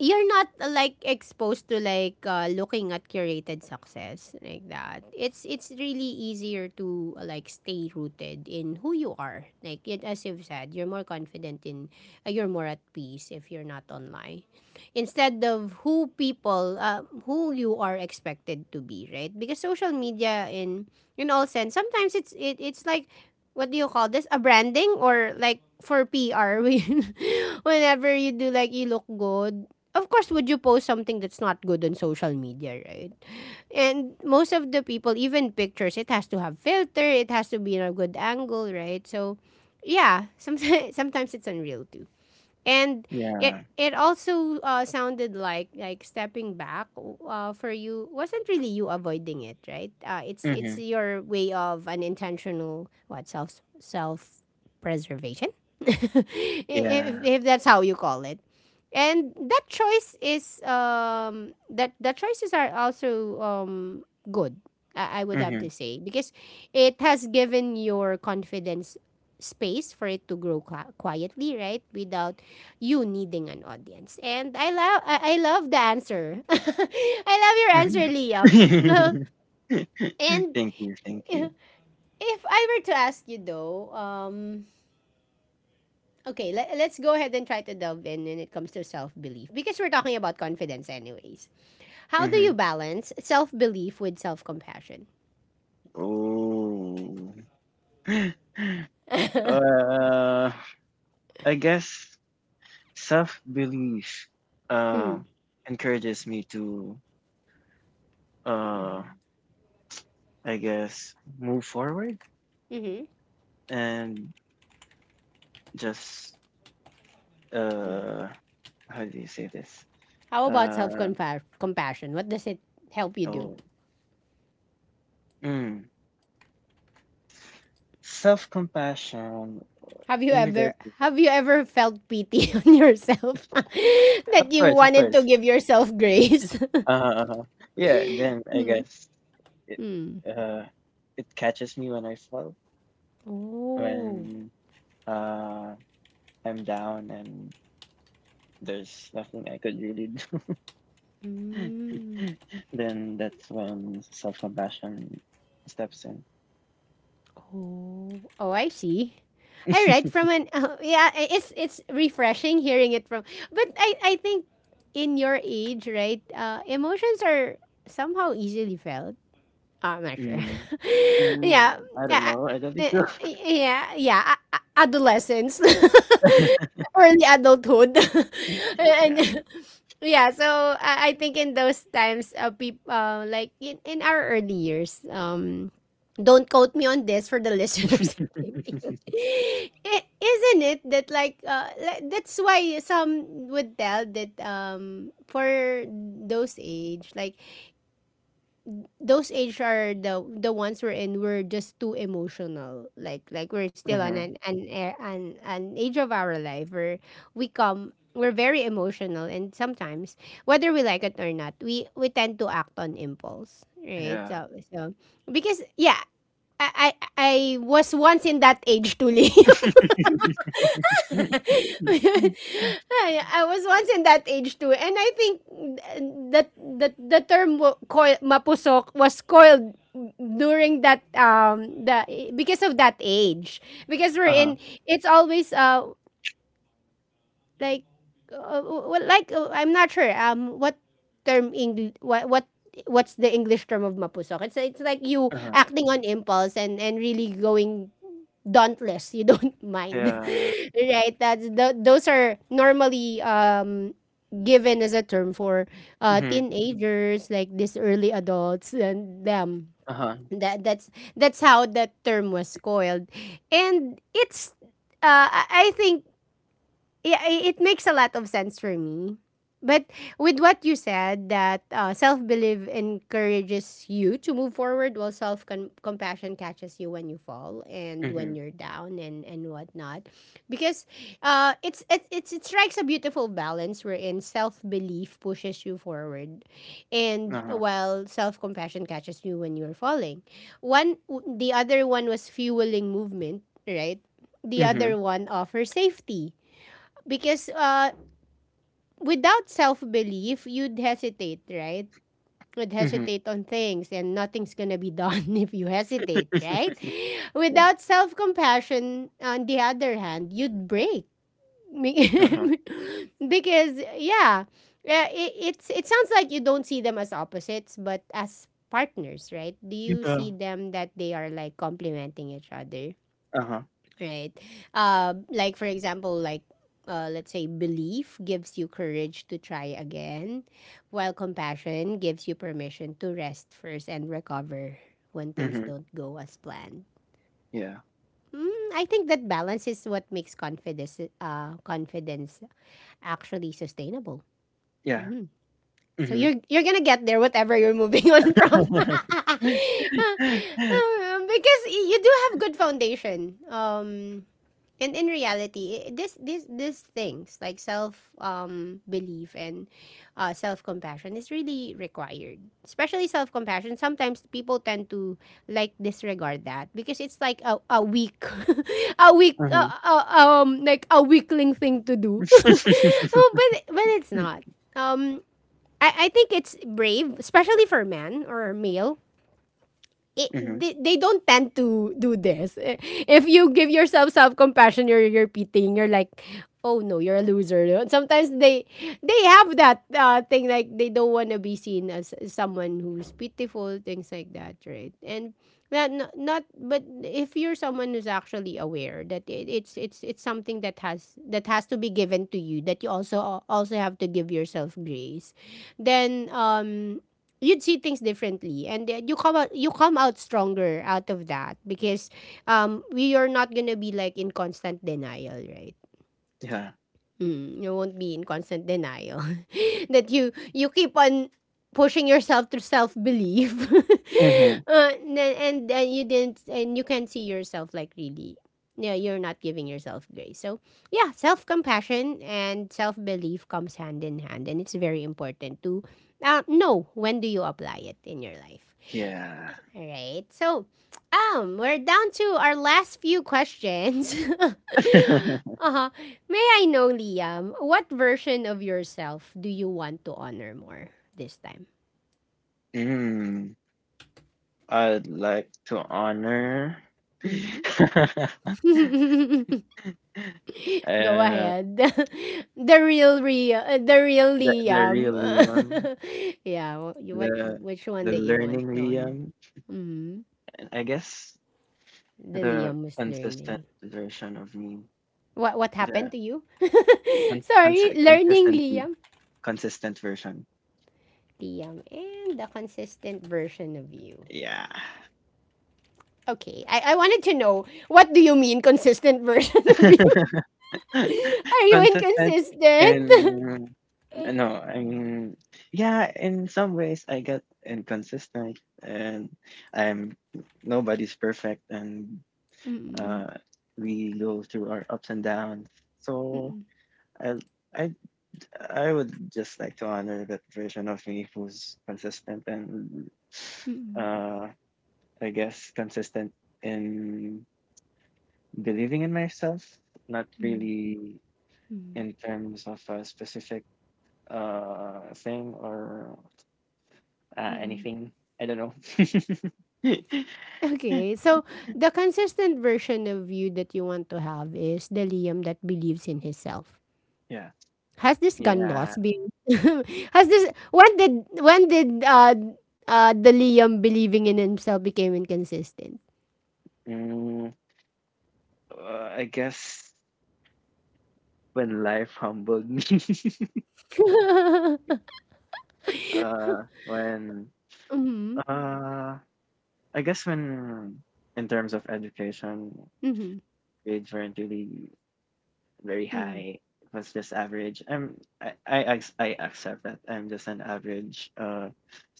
[SPEAKER 1] you're not like exposed to like looking at curated success like that. It's really easier to like stay rooted in who you are. Like it, as you've said, you're more confident in you're more at peace if you're not online, instead of who people who you are expected to be, right? Because social media in all sense, sometimes it's like what do you call this? A branding or like for PR <laughs> when- whenever you do like you look good, of course, would you post something that's not good on social media, right? And most of the people, even pictures, it has to have filter, it has to be in a good angle, right? So, yeah, sometimes <laughs> sometimes it's unreal too. And it
[SPEAKER 2] Yeah.
[SPEAKER 1] it also sounded like stepping back for you wasn't really you avoiding it, right? It's
[SPEAKER 2] Mhm.
[SPEAKER 1] your way of an intentional what self self preservation, <laughs>
[SPEAKER 2] Yeah.
[SPEAKER 1] if that's how you call it. And that choice is that the choices are also good, I would have to
[SPEAKER 2] Mhm.
[SPEAKER 1] say, because it has given your confidence space for it to grow qui- quietly, right? Without you needing an audience. And I love the answer. <laughs> I love your answer,
[SPEAKER 2] Mhm.
[SPEAKER 1] Liam. <laughs>
[SPEAKER 2] <laughs>
[SPEAKER 1] and
[SPEAKER 2] Thank you. Thank
[SPEAKER 1] uh,
[SPEAKER 2] you.
[SPEAKER 1] if I were to ask you though, okay, let's go ahead and try to delve in when it comes to self-belief because we're talking about confidence anyways. How do you
[SPEAKER 2] Mhm.
[SPEAKER 1] balance self-belief with self-compassion?
[SPEAKER 2] Oh. <gasps> <laughs> Uh, I guess self belief
[SPEAKER 1] Hmm.
[SPEAKER 2] uh encourages me to uh i guess move forward
[SPEAKER 1] Mm-hmm.
[SPEAKER 2] and just uh how do you say this?
[SPEAKER 1] How about
[SPEAKER 2] uh
[SPEAKER 1] self-compassion? What does it help you do?
[SPEAKER 2] oh, mm, self compassion
[SPEAKER 1] Have you
[SPEAKER 2] in
[SPEAKER 1] ever
[SPEAKER 2] regards to…
[SPEAKER 1] have you ever felt pity <laughs> on yourself <laughs>
[SPEAKER 2] <laughs> Yeah,
[SPEAKER 1] that
[SPEAKER 2] of
[SPEAKER 1] you
[SPEAKER 2] course of
[SPEAKER 1] wanted to
[SPEAKER 2] course
[SPEAKER 1] give yourself grace? <laughs>
[SPEAKER 2] uh yeah, then I
[SPEAKER 1] Hmm.
[SPEAKER 2] guess it
[SPEAKER 1] Hmm.
[SPEAKER 2] uh it catches me when I fall,
[SPEAKER 1] Oh.
[SPEAKER 2] when uh I'm down and there's nothing I could really <laughs> do.
[SPEAKER 1] Mm.
[SPEAKER 2] <laughs> Then that's when self-compassion steps in.
[SPEAKER 1] Oh. Oh, I see. All right. From
[SPEAKER 2] <laughs>
[SPEAKER 1] an <laughs> yeah, it's refreshing hearing it from. But I think in your age, right? Emotions are somehow easily felt. I'm not sure.
[SPEAKER 2] Mm.
[SPEAKER 1] <laughs> Yeah,
[SPEAKER 2] Mm, I don't
[SPEAKER 1] yeah,
[SPEAKER 2] know. I don't think
[SPEAKER 1] eh,
[SPEAKER 2] so.
[SPEAKER 1] yeah, yeah. Adolescence,
[SPEAKER 2] <laughs>
[SPEAKER 1] <laughs> early adulthood, <laughs> and
[SPEAKER 2] Yeah.
[SPEAKER 1] yeah. So I think in those times, people like in our early years, don't quote me on this for the <laughs> listeners. Is
[SPEAKER 2] <laughs>
[SPEAKER 1] Isn't it that like that's why some would tell that for those age like those age are the ones we're in, we're just too emotional, like we're still on
[SPEAKER 2] Uh-huh.
[SPEAKER 1] an age of our life where we're very emotional, and sometimes whether we like it or not, we tend to act on impulse, right?
[SPEAKER 2] Yeah.
[SPEAKER 1] So because yeah, I was once in that age, Tuli. <laughs>
[SPEAKER 2] <laughs>
[SPEAKER 1] <laughs> I was once in that age too, and I think that the term coil, mapusok was coiled during that the because of that age because we're
[SPEAKER 2] Uh-huh.
[SPEAKER 1] in, it's always like I'm not sure what term English what's the English term of mapusok. It's like you
[SPEAKER 2] Uh-huh.
[SPEAKER 1] acting on impulse, and really going dauntless. You don't <laughs> mind,
[SPEAKER 2] Yeah.
[SPEAKER 1] <laughs> right? Those are normally given as a term for
[SPEAKER 2] Mhm.
[SPEAKER 1] teenagers, like these early adults and them.
[SPEAKER 2] Uh-huh.
[SPEAKER 1] That that's that's how that term was coiled, and it's. I think yeah, it makes a lot of sense for me. But with what you said, that self belief encourages you to move forward, while self compassion catches you when you fall and when
[SPEAKER 2] Mhm.
[SPEAKER 1] you're down, and whatnot. Because it strikes a beautiful balance wherein self belief pushes you forward, and
[SPEAKER 2] Uh-huh.
[SPEAKER 1] while self compassion catches you when you're falling. One, the other one was fueling movement, right? The
[SPEAKER 2] Mhm.
[SPEAKER 1] other one offers safety because without self belief, you'd hesitate, right? Would
[SPEAKER 2] Mhm.
[SPEAKER 1] hesitate on things, and nothing's gonna be done <laughs> if you hesitate, right?
[SPEAKER 2] <laughs> Yeah.
[SPEAKER 1] Without self compassion, on the other hand, you'd break. Be-
[SPEAKER 2] Uh-huh.
[SPEAKER 1] <laughs> because, yeah, it sounds like you don't see them as opposites, but as partners, right? Do you
[SPEAKER 2] Yeah.
[SPEAKER 1] see them that they are like complementing each other?
[SPEAKER 2] Uh-huh.
[SPEAKER 1] Right? Like for example, like let's say belief gives you courage to try again, while compassion gives you permission to rest first and recover when things
[SPEAKER 2] Mhm.
[SPEAKER 1] don't go as planned.
[SPEAKER 2] Yeah.
[SPEAKER 1] Mm, I think that balance is what makes confidence confidence actually sustainable.
[SPEAKER 2] Yeah.
[SPEAKER 1] Mhm. So
[SPEAKER 2] Mhm.
[SPEAKER 1] you're gonna get there, whatever you're moving <laughs> on from. <laughs>
[SPEAKER 2] Huh. <laughs>
[SPEAKER 1] Because you do have good foundation. And in reality, this this these things like self belief and self compassion is really required, especially self compassion. Sometimes people tend to like disregard that because it's like a weak <laughs> a weak
[SPEAKER 2] <laughs>
[SPEAKER 1] like a weakling thing to do. <laughs> Oh,
[SPEAKER 2] <laughs>
[SPEAKER 1] but it's not, um I think it's brave, especially for man or male.
[SPEAKER 2] Mhm.
[SPEAKER 1] They don't tend to do this. Eh, if you give yourself self compassion, you're pitying. You're like, oh no, you're a loser. You know? Sometimes they have that thing like they don't want to be seen as someone who's pitiful, things like that, right? And but if you're someone who's actually aware that it, it's something that has to be given to you, that you also have to give yourself grace, then you'd see things differently, and you come out stronger out of that because we are not gonna be like in constant denial, right?
[SPEAKER 2] Yeah.
[SPEAKER 1] Mm, you won't be in constant denial <laughs> that you keep on pushing yourself to self belief. <laughs>
[SPEAKER 2] Mhm.
[SPEAKER 1] And you didn't, and you can't see yourself like, really. Yeah, you're not giving yourself grace. So yeah, self compassion and self belief comes hand in hand, and it's very important to know when do you apply it in your life.
[SPEAKER 2] Yeah.
[SPEAKER 1] All right. So, we're down to our last few questions. <laughs>
[SPEAKER 2] <laughs>
[SPEAKER 1] Uh-huh. May I know, Liam, what version of yourself do you want to honor more this time?
[SPEAKER 2] Mm. I'd like to honor
[SPEAKER 1] Mhm.
[SPEAKER 2] <laughs> uh,
[SPEAKER 1] <laughs> Go
[SPEAKER 2] the
[SPEAKER 1] ahead. <laughs> The real real the real
[SPEAKER 2] the
[SPEAKER 1] Liam.
[SPEAKER 2] real Liam,
[SPEAKER 1] <laughs> Yeah, you what
[SPEAKER 2] the
[SPEAKER 1] which one that you want
[SPEAKER 2] learning
[SPEAKER 1] to honor?
[SPEAKER 2] Liam,
[SPEAKER 1] Mhm.
[SPEAKER 2] and I guess
[SPEAKER 1] The
[SPEAKER 2] the
[SPEAKER 1] Liam was
[SPEAKER 2] consistent
[SPEAKER 1] learning.
[SPEAKER 2] version of me,
[SPEAKER 1] What
[SPEAKER 2] the
[SPEAKER 1] happened to you? <laughs> Sorry, learning
[SPEAKER 2] consistently
[SPEAKER 1] Liam.
[SPEAKER 2] consistent version.
[SPEAKER 1] Liam and the consistent version of you.
[SPEAKER 2] Yeah.
[SPEAKER 1] Okay, I wanted to know what do you mean consistent version <laughs> of you?
[SPEAKER 2] <laughs> <laughs>
[SPEAKER 1] Are you
[SPEAKER 2] Consistent
[SPEAKER 1] inconsistent? <laughs>
[SPEAKER 2] and no, I mean, yeah, in some ways I get inconsistent and I'm nobody's perfect and
[SPEAKER 1] Mm-mm,
[SPEAKER 2] uh we go through our ups and downs. So
[SPEAKER 1] mm-mm,
[SPEAKER 2] I I I would just like to honor that version of me who's consistent and
[SPEAKER 1] mm-mm,
[SPEAKER 2] uh I guess consistent in believing in myself, not
[SPEAKER 1] mm-mm,
[SPEAKER 2] really
[SPEAKER 1] mm-mm.
[SPEAKER 2] in terms of a specific thing or
[SPEAKER 1] Mm-mm.
[SPEAKER 2] anything. I don't know. <laughs>
[SPEAKER 1] Okay, so the consistent version of you that you want to have is the Liam that believes in himself.
[SPEAKER 2] Yeah.
[SPEAKER 1] Has this gun
[SPEAKER 2] Yeah.
[SPEAKER 1] loss been? <laughs> has this When did the Liam believing in himself became inconsistent?
[SPEAKER 2] Mm, I guess when life humbled me. <laughs>
[SPEAKER 1] <laughs>
[SPEAKER 2] When
[SPEAKER 1] Mhm.
[SPEAKER 2] uh I guess when in terms of education,
[SPEAKER 1] Mhm.
[SPEAKER 2] grades weren't really very
[SPEAKER 1] Mhm.
[SPEAKER 2] high. It was just average. I accept that I'm just an average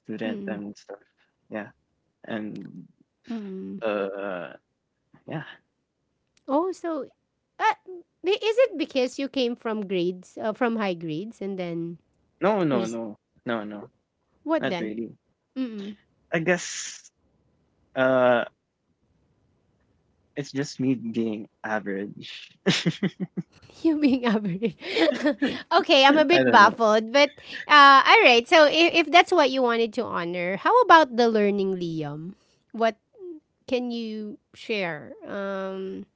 [SPEAKER 2] student
[SPEAKER 1] Mm.
[SPEAKER 2] and stuff. Yeah. And
[SPEAKER 1] Mm.
[SPEAKER 2] uh yeah.
[SPEAKER 1] Oh, so, uh, I is it because you came from grades, from high grades and then
[SPEAKER 2] No, no,
[SPEAKER 1] we
[SPEAKER 2] no. No, no.
[SPEAKER 1] what
[SPEAKER 2] Not
[SPEAKER 1] then?
[SPEAKER 2] really.
[SPEAKER 1] Mm.
[SPEAKER 2] I guess uh it's just me being average. <laughs>
[SPEAKER 1] <laughs> You being average. <laughs> Okay, I'm a
[SPEAKER 2] I
[SPEAKER 1] bit
[SPEAKER 2] don't know.
[SPEAKER 1] baffled, but, alright. So if that's what you wanted to honor, how about the learning Liam? What can you share?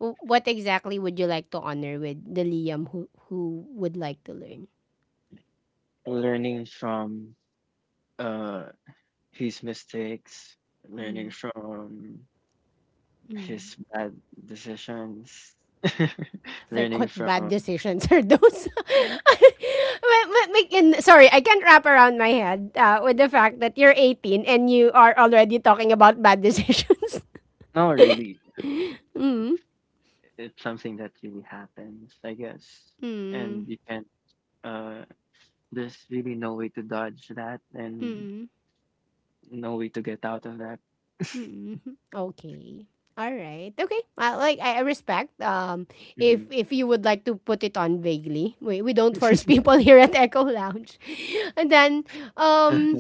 [SPEAKER 1] W What exactly would you like to honor with the Liam who would like to learn?
[SPEAKER 2] Learning from uh his mistakes, learning
[SPEAKER 1] Mm.
[SPEAKER 2] from
[SPEAKER 1] Mm.
[SPEAKER 2] his bad decisions, <laughs>
[SPEAKER 1] Like
[SPEAKER 2] learning
[SPEAKER 1] what bad
[SPEAKER 2] from…
[SPEAKER 1] decisions are those? <laughs> Like, sorry, I can't wrap around my head with the fact that you're 18 and you are already talking about bad decisions.
[SPEAKER 2] no, really.
[SPEAKER 1] <laughs>
[SPEAKER 2] It,
[SPEAKER 1] Mm.
[SPEAKER 2] it's something that really happens, I guess. And
[SPEAKER 1] Mm.
[SPEAKER 2] you can uh there's really no way to dodge that and…
[SPEAKER 1] Mm.
[SPEAKER 2] no way to get out of that. <laughs>
[SPEAKER 1] Mm. Okay. All right. Okay. Like I respect
[SPEAKER 2] Mhm.
[SPEAKER 1] if you would like to put it on vaguely. We don't force people <laughs> here at Echo Lounge. <laughs> And then, um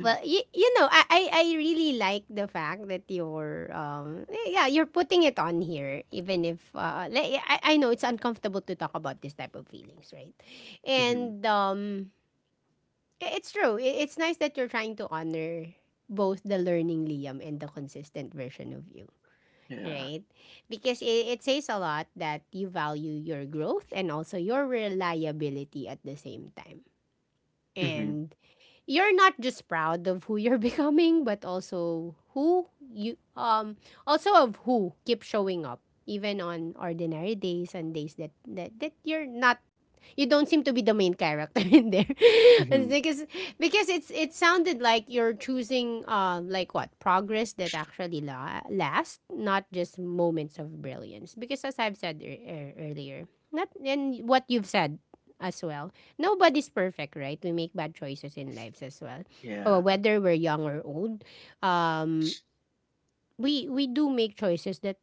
[SPEAKER 1] well, you know, I really like the fact that you're yeah, you're putting it on here even if like, yeah, I know it's uncomfortable to talk about this type of feelings, right,
[SPEAKER 2] Mhm.
[SPEAKER 1] and
[SPEAKER 2] <laughs>
[SPEAKER 1] it's true, it's nice that you're trying to honor both the learning Liam and the consistent version of you,
[SPEAKER 2] Yeah.
[SPEAKER 1] right? Because it says a lot that you value your growth and also your reliability at the same time,
[SPEAKER 2] Mhm.
[SPEAKER 1] and you're not just proud of who you're <laughs> becoming, but also who you also of who keep showing up even on ordinary days and days that you're not, you don't seem to be the main character <laughs> in there. <laughs> And
[SPEAKER 2] Mhm.
[SPEAKER 1] because it's, it sounded like you're choosing what progress that actually lasts, not just moments of brilliance. Because as I've said earlier, not and what you've said as well, nobody's perfect, right? We make bad choices in lives as well.
[SPEAKER 2] Yeah.
[SPEAKER 1] Or whether we're young or old, um, we do make choices that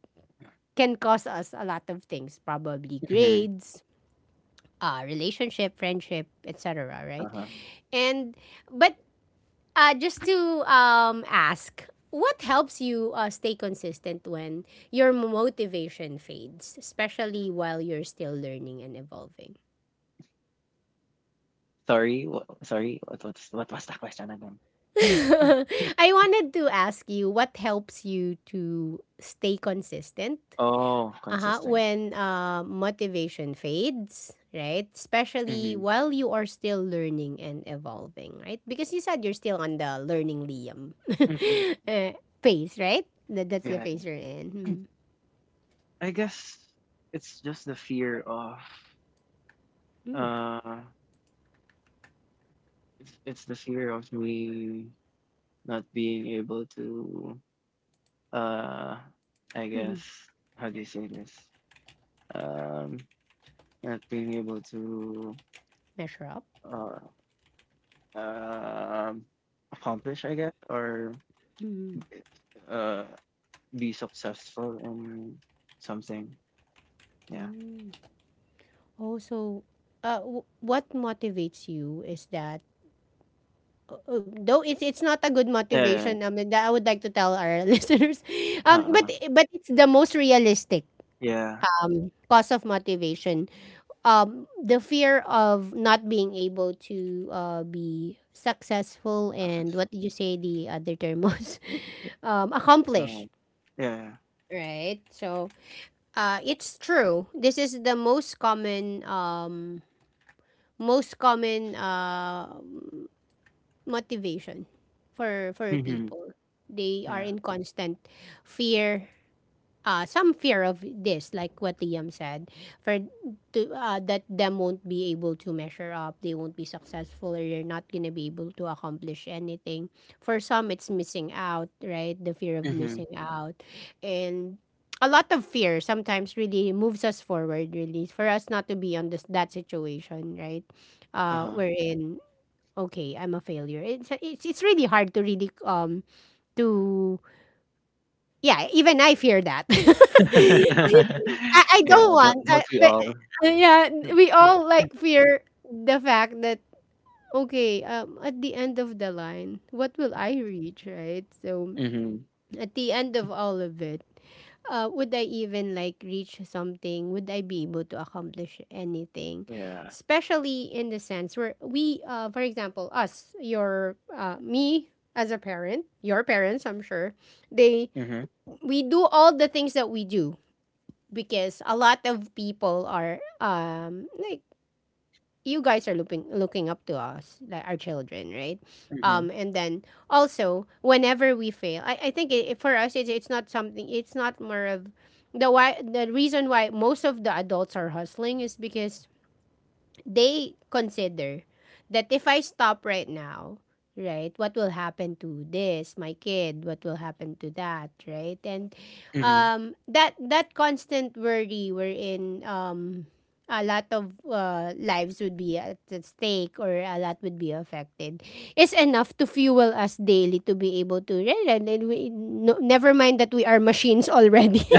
[SPEAKER 1] can cause us a lot of things, probably
[SPEAKER 2] Mhm.
[SPEAKER 1] grades, relationship, friendship, etc. Right,
[SPEAKER 2] Uh-huh.
[SPEAKER 1] and but just to ask. What helps you stay consistent when your motivation fades, especially while you're still learning and evolving?
[SPEAKER 2] Sorry, what what's what was the question again? <gasps> <laughs>
[SPEAKER 1] <laughs> I wanted to ask you what helps you to stay consistent,
[SPEAKER 2] Oh,
[SPEAKER 1] uh-huh,
[SPEAKER 2] consistent.
[SPEAKER 1] when motivation fades, right? Especially
[SPEAKER 2] Mhm.
[SPEAKER 1] while you are still learning and evolving, right? Because you said you're still on the learning Liam <laughs>
[SPEAKER 2] Mhm.
[SPEAKER 1] uh, phase, right? That's the
[SPEAKER 2] Yeah.
[SPEAKER 1] phase you're in.
[SPEAKER 2] I guess it's just the fear of,
[SPEAKER 1] Hmm. Mm.
[SPEAKER 2] uh, it's the fear of me not being able to, uh, I guess,
[SPEAKER 1] Mhm.
[SPEAKER 2] how do you say this? Um, not being able to,
[SPEAKER 1] Measure up.
[SPEAKER 2] uh, um, accomplish, I guess, or,
[SPEAKER 1] Mm.
[SPEAKER 2] uh, be successful in something. Yeah.
[SPEAKER 1] Mm. Oh, so what motivates you is that though it's not a good
[SPEAKER 2] Yeah, yeah, yeah.
[SPEAKER 1] motivation, that I would like to tell our <laughs> listeners,
[SPEAKER 2] Uh-huh, uh-huh.
[SPEAKER 1] but it's the most realistic
[SPEAKER 2] Yeah.
[SPEAKER 1] cause of motivation, the fear of not being able to be successful. And
[SPEAKER 2] Success,
[SPEAKER 1] what did you say the other term was? <laughs>
[SPEAKER 2] uh,
[SPEAKER 1] Accomplish,
[SPEAKER 2] yeah, yeah.
[SPEAKER 1] right? So it's true, this is the most common motivation for
[SPEAKER 2] Mhm.
[SPEAKER 1] people. They are
[SPEAKER 2] Yeah.
[SPEAKER 1] in constant fear, some fear of this, like what Liam said, for to that them won't be able to measure up, they won't be successful, or they're not gonna be able to accomplish anything. For some, it's missing out, right? The fear of
[SPEAKER 2] Mhm.
[SPEAKER 1] missing out, and a lot of fear sometimes really moves us forward, really for us not to be on this that situation, right?
[SPEAKER 2] Uh-huh.
[SPEAKER 1] We're in, okay, I'm a failure. It's it's really hard to really to yeah. Even I fear that. <laughs>
[SPEAKER 2] <laughs>
[SPEAKER 1] I
[SPEAKER 2] Yeah,
[SPEAKER 1] don't want. I,
[SPEAKER 2] don't we
[SPEAKER 1] but,
[SPEAKER 2] all?
[SPEAKER 1] yeah, we all like fear the fact that okay, at the end of the line, what will I reach, right? So
[SPEAKER 2] Mhm.
[SPEAKER 1] at the end of all of it, would I even like reach something? Would I be able to accomplish anything?
[SPEAKER 2] Yeah.
[SPEAKER 1] Especially in the sense where we, for example, us, your, me as a parent, your parents, I'm sure, they,
[SPEAKER 2] Mhm.
[SPEAKER 1] we do all the things that we do because a lot of people are like you guys are looking up to us, like our children, right?
[SPEAKER 2] Mhm.
[SPEAKER 1] And then also whenever we fail, I think it, for us it's not something. It's not more of the why the reason why most of the adults are hustling is because they consider that if I stop right now, right, what will happen to this, my kid, what will happen to that, right? And
[SPEAKER 2] Mhm.
[SPEAKER 1] that constant worry wherein a lot of lives would be at stake or a lot would be affected is enough to fuel us daily to be able to read. And then we, no, never mind that we are machines already. <laughs>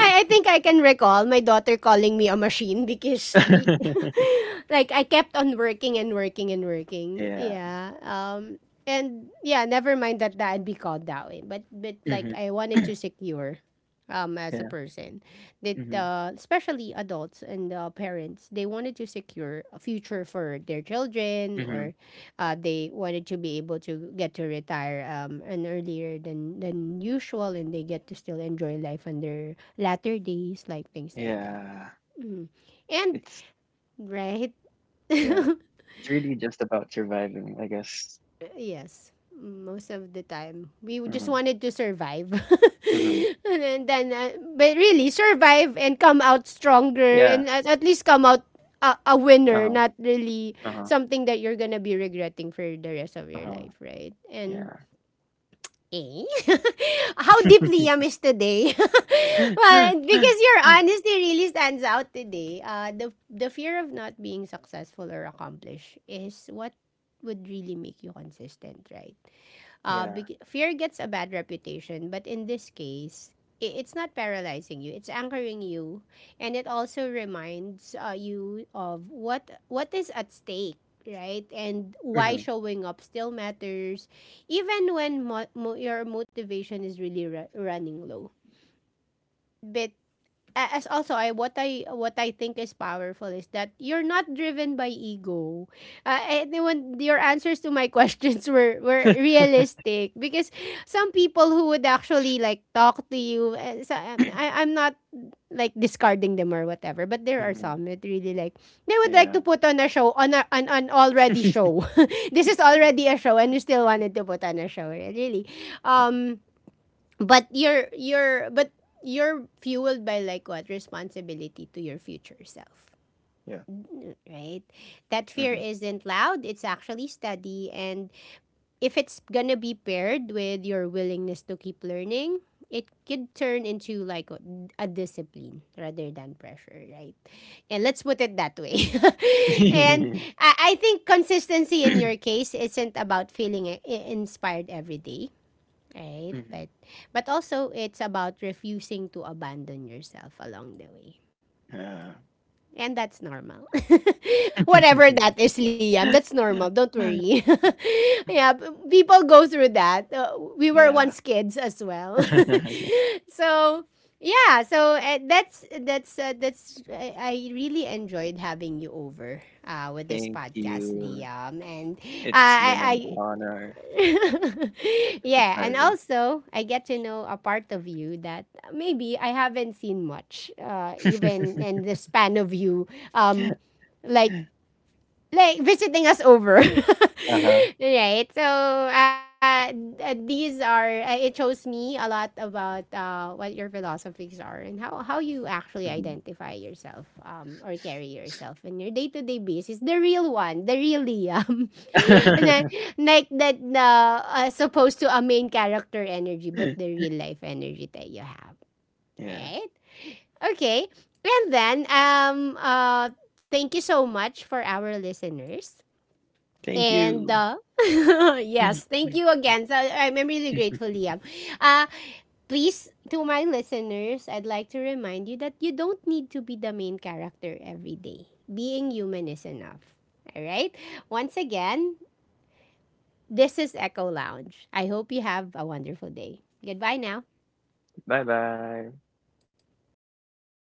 [SPEAKER 1] I think I can recall my daughter calling me a machine because
[SPEAKER 2] <laughs>
[SPEAKER 1] <laughs> like I kept on working and working and working.
[SPEAKER 2] Yeah.
[SPEAKER 1] Yeah. And yeah, never mind that I'd be called that way. But like
[SPEAKER 2] Mhm.
[SPEAKER 1] I wanted
[SPEAKER 2] <clears throat>
[SPEAKER 1] to secure as a
[SPEAKER 2] Yeah.
[SPEAKER 1] person that
[SPEAKER 2] Mhm.
[SPEAKER 1] especially adults and parents they wanted to secure a future for their children
[SPEAKER 2] Mhm.
[SPEAKER 1] or they wanted to be able to get to retire and earlier than usual, and they get to still enjoy life on their latter days, like things like that.
[SPEAKER 2] Yeah.
[SPEAKER 1] Mm. And
[SPEAKER 2] It's…
[SPEAKER 1] right,
[SPEAKER 2] yeah.
[SPEAKER 1] <laughs>
[SPEAKER 2] It's really just about surviving, I guess.
[SPEAKER 1] yes, most of the time we just
[SPEAKER 2] Mhm,
[SPEAKER 1] wanted to survive,
[SPEAKER 2] mhm.
[SPEAKER 1] <laughs> and then but really survive and come out stronger,
[SPEAKER 2] Yeah.
[SPEAKER 1] and at least come out. A
[SPEAKER 2] Uh-huh.
[SPEAKER 1] winner, not really
[SPEAKER 2] Uh-huh.
[SPEAKER 1] something that you're gonna be regretting for the rest of your
[SPEAKER 2] Uh-huh.
[SPEAKER 1] life, right?
[SPEAKER 2] Yeah.
[SPEAKER 1] And eh? <laughs> How deeply Liam is today? <laughs> Well,
[SPEAKER 2] <laughs>
[SPEAKER 1] because your honesty really stands out today. The fear of not being successful or accomplished is what would really make you consistent, right?
[SPEAKER 2] Yeah.
[SPEAKER 1] Fear gets a bad reputation, but in this case, it's not paralyzing you. It's anchoring you, and it also reminds you of what is at stake, right? And why
[SPEAKER 2] Mhm.
[SPEAKER 1] showing up still matters, even when your motivation is really running low. But as also I what I think is powerful is that you're not driven by ego. And then when your answers to my <laughs> questions were realistic because some people who would actually like talk to you I'm not like discarding them or whatever, but there are
[SPEAKER 2] Mhm. <clears throat>
[SPEAKER 1] some that really like they would like
[SPEAKER 2] Yeah.
[SPEAKER 1] to put on a show on an already
[SPEAKER 2] <laughs>
[SPEAKER 1] show. <laughs> This is already a show and you still wanted to put on a show really.
[SPEAKER 2] Uh,
[SPEAKER 1] um but you're fueled by like what responsibility to your future self,
[SPEAKER 2] yeah.
[SPEAKER 1] right? That fear
[SPEAKER 2] Mhm.
[SPEAKER 1] isn't loud, it's actually steady, and if it's gonna be paired with your willingness to keep learning, it could turn into like a discipline rather than pressure, right? And let's put it that way. <laughs> And
[SPEAKER 2] <laughs>
[SPEAKER 1] I think consistency in your case isn't about feeling inspired every day. Right?
[SPEAKER 2] Mhm.
[SPEAKER 1] But also it's about refusing to abandon yourself along the way.
[SPEAKER 2] <clears throat> Yeah.
[SPEAKER 1] And that's normal. <laughs> Whatever that is, Liam, that's normal. Don't
[SPEAKER 2] <laughs>
[SPEAKER 1] worry. <laughs> Yeah, people go through that. We were
[SPEAKER 2] Yeah.
[SPEAKER 1] once kids as well.
[SPEAKER 2] <laughs>
[SPEAKER 1] <laughs> So, yeah, so that's I really enjoyed having you over with this
[SPEAKER 2] Thank
[SPEAKER 1] podcast,
[SPEAKER 2] you.
[SPEAKER 1] Liam, and
[SPEAKER 2] It's been an
[SPEAKER 1] I
[SPEAKER 2] honor.
[SPEAKER 1] <laughs>
[SPEAKER 2] It's a
[SPEAKER 1] yeah, and
[SPEAKER 2] pleasure.
[SPEAKER 1] also I get to know a part of you that maybe I haven't seen much, even in the span of you, um,
[SPEAKER 2] <laughs>
[SPEAKER 1] like like visiting us over.
[SPEAKER 2] Uh-huh.
[SPEAKER 1] <laughs> Right, so these are it shows me a lot about what your philosophies are and how you actually
[SPEAKER 2] Mhm.
[SPEAKER 1] identify yourself, or carry yourself in your day-to-day basis, the real one, the real Liam. <laughs> And then,
[SPEAKER 2] <laughs>
[SPEAKER 1] like that supposed to a main character energy, but the real life energy that you have,
[SPEAKER 2] Yeah.
[SPEAKER 1] right? Okay. And then thank you so much for our listeners.
[SPEAKER 2] Thank
[SPEAKER 1] And
[SPEAKER 2] you.
[SPEAKER 1] <laughs> yes, thank you
[SPEAKER 2] <laughs>
[SPEAKER 1] again. So I'm really grateful, Liam. Uh, Please, to my listeners, I'd like to remind you that you don't need to be the main character every day. Being human is enough. All right? Once again, this is Echo Lounge. I hope you have a wonderful day. Goodbye now.
[SPEAKER 2] Bye-bye.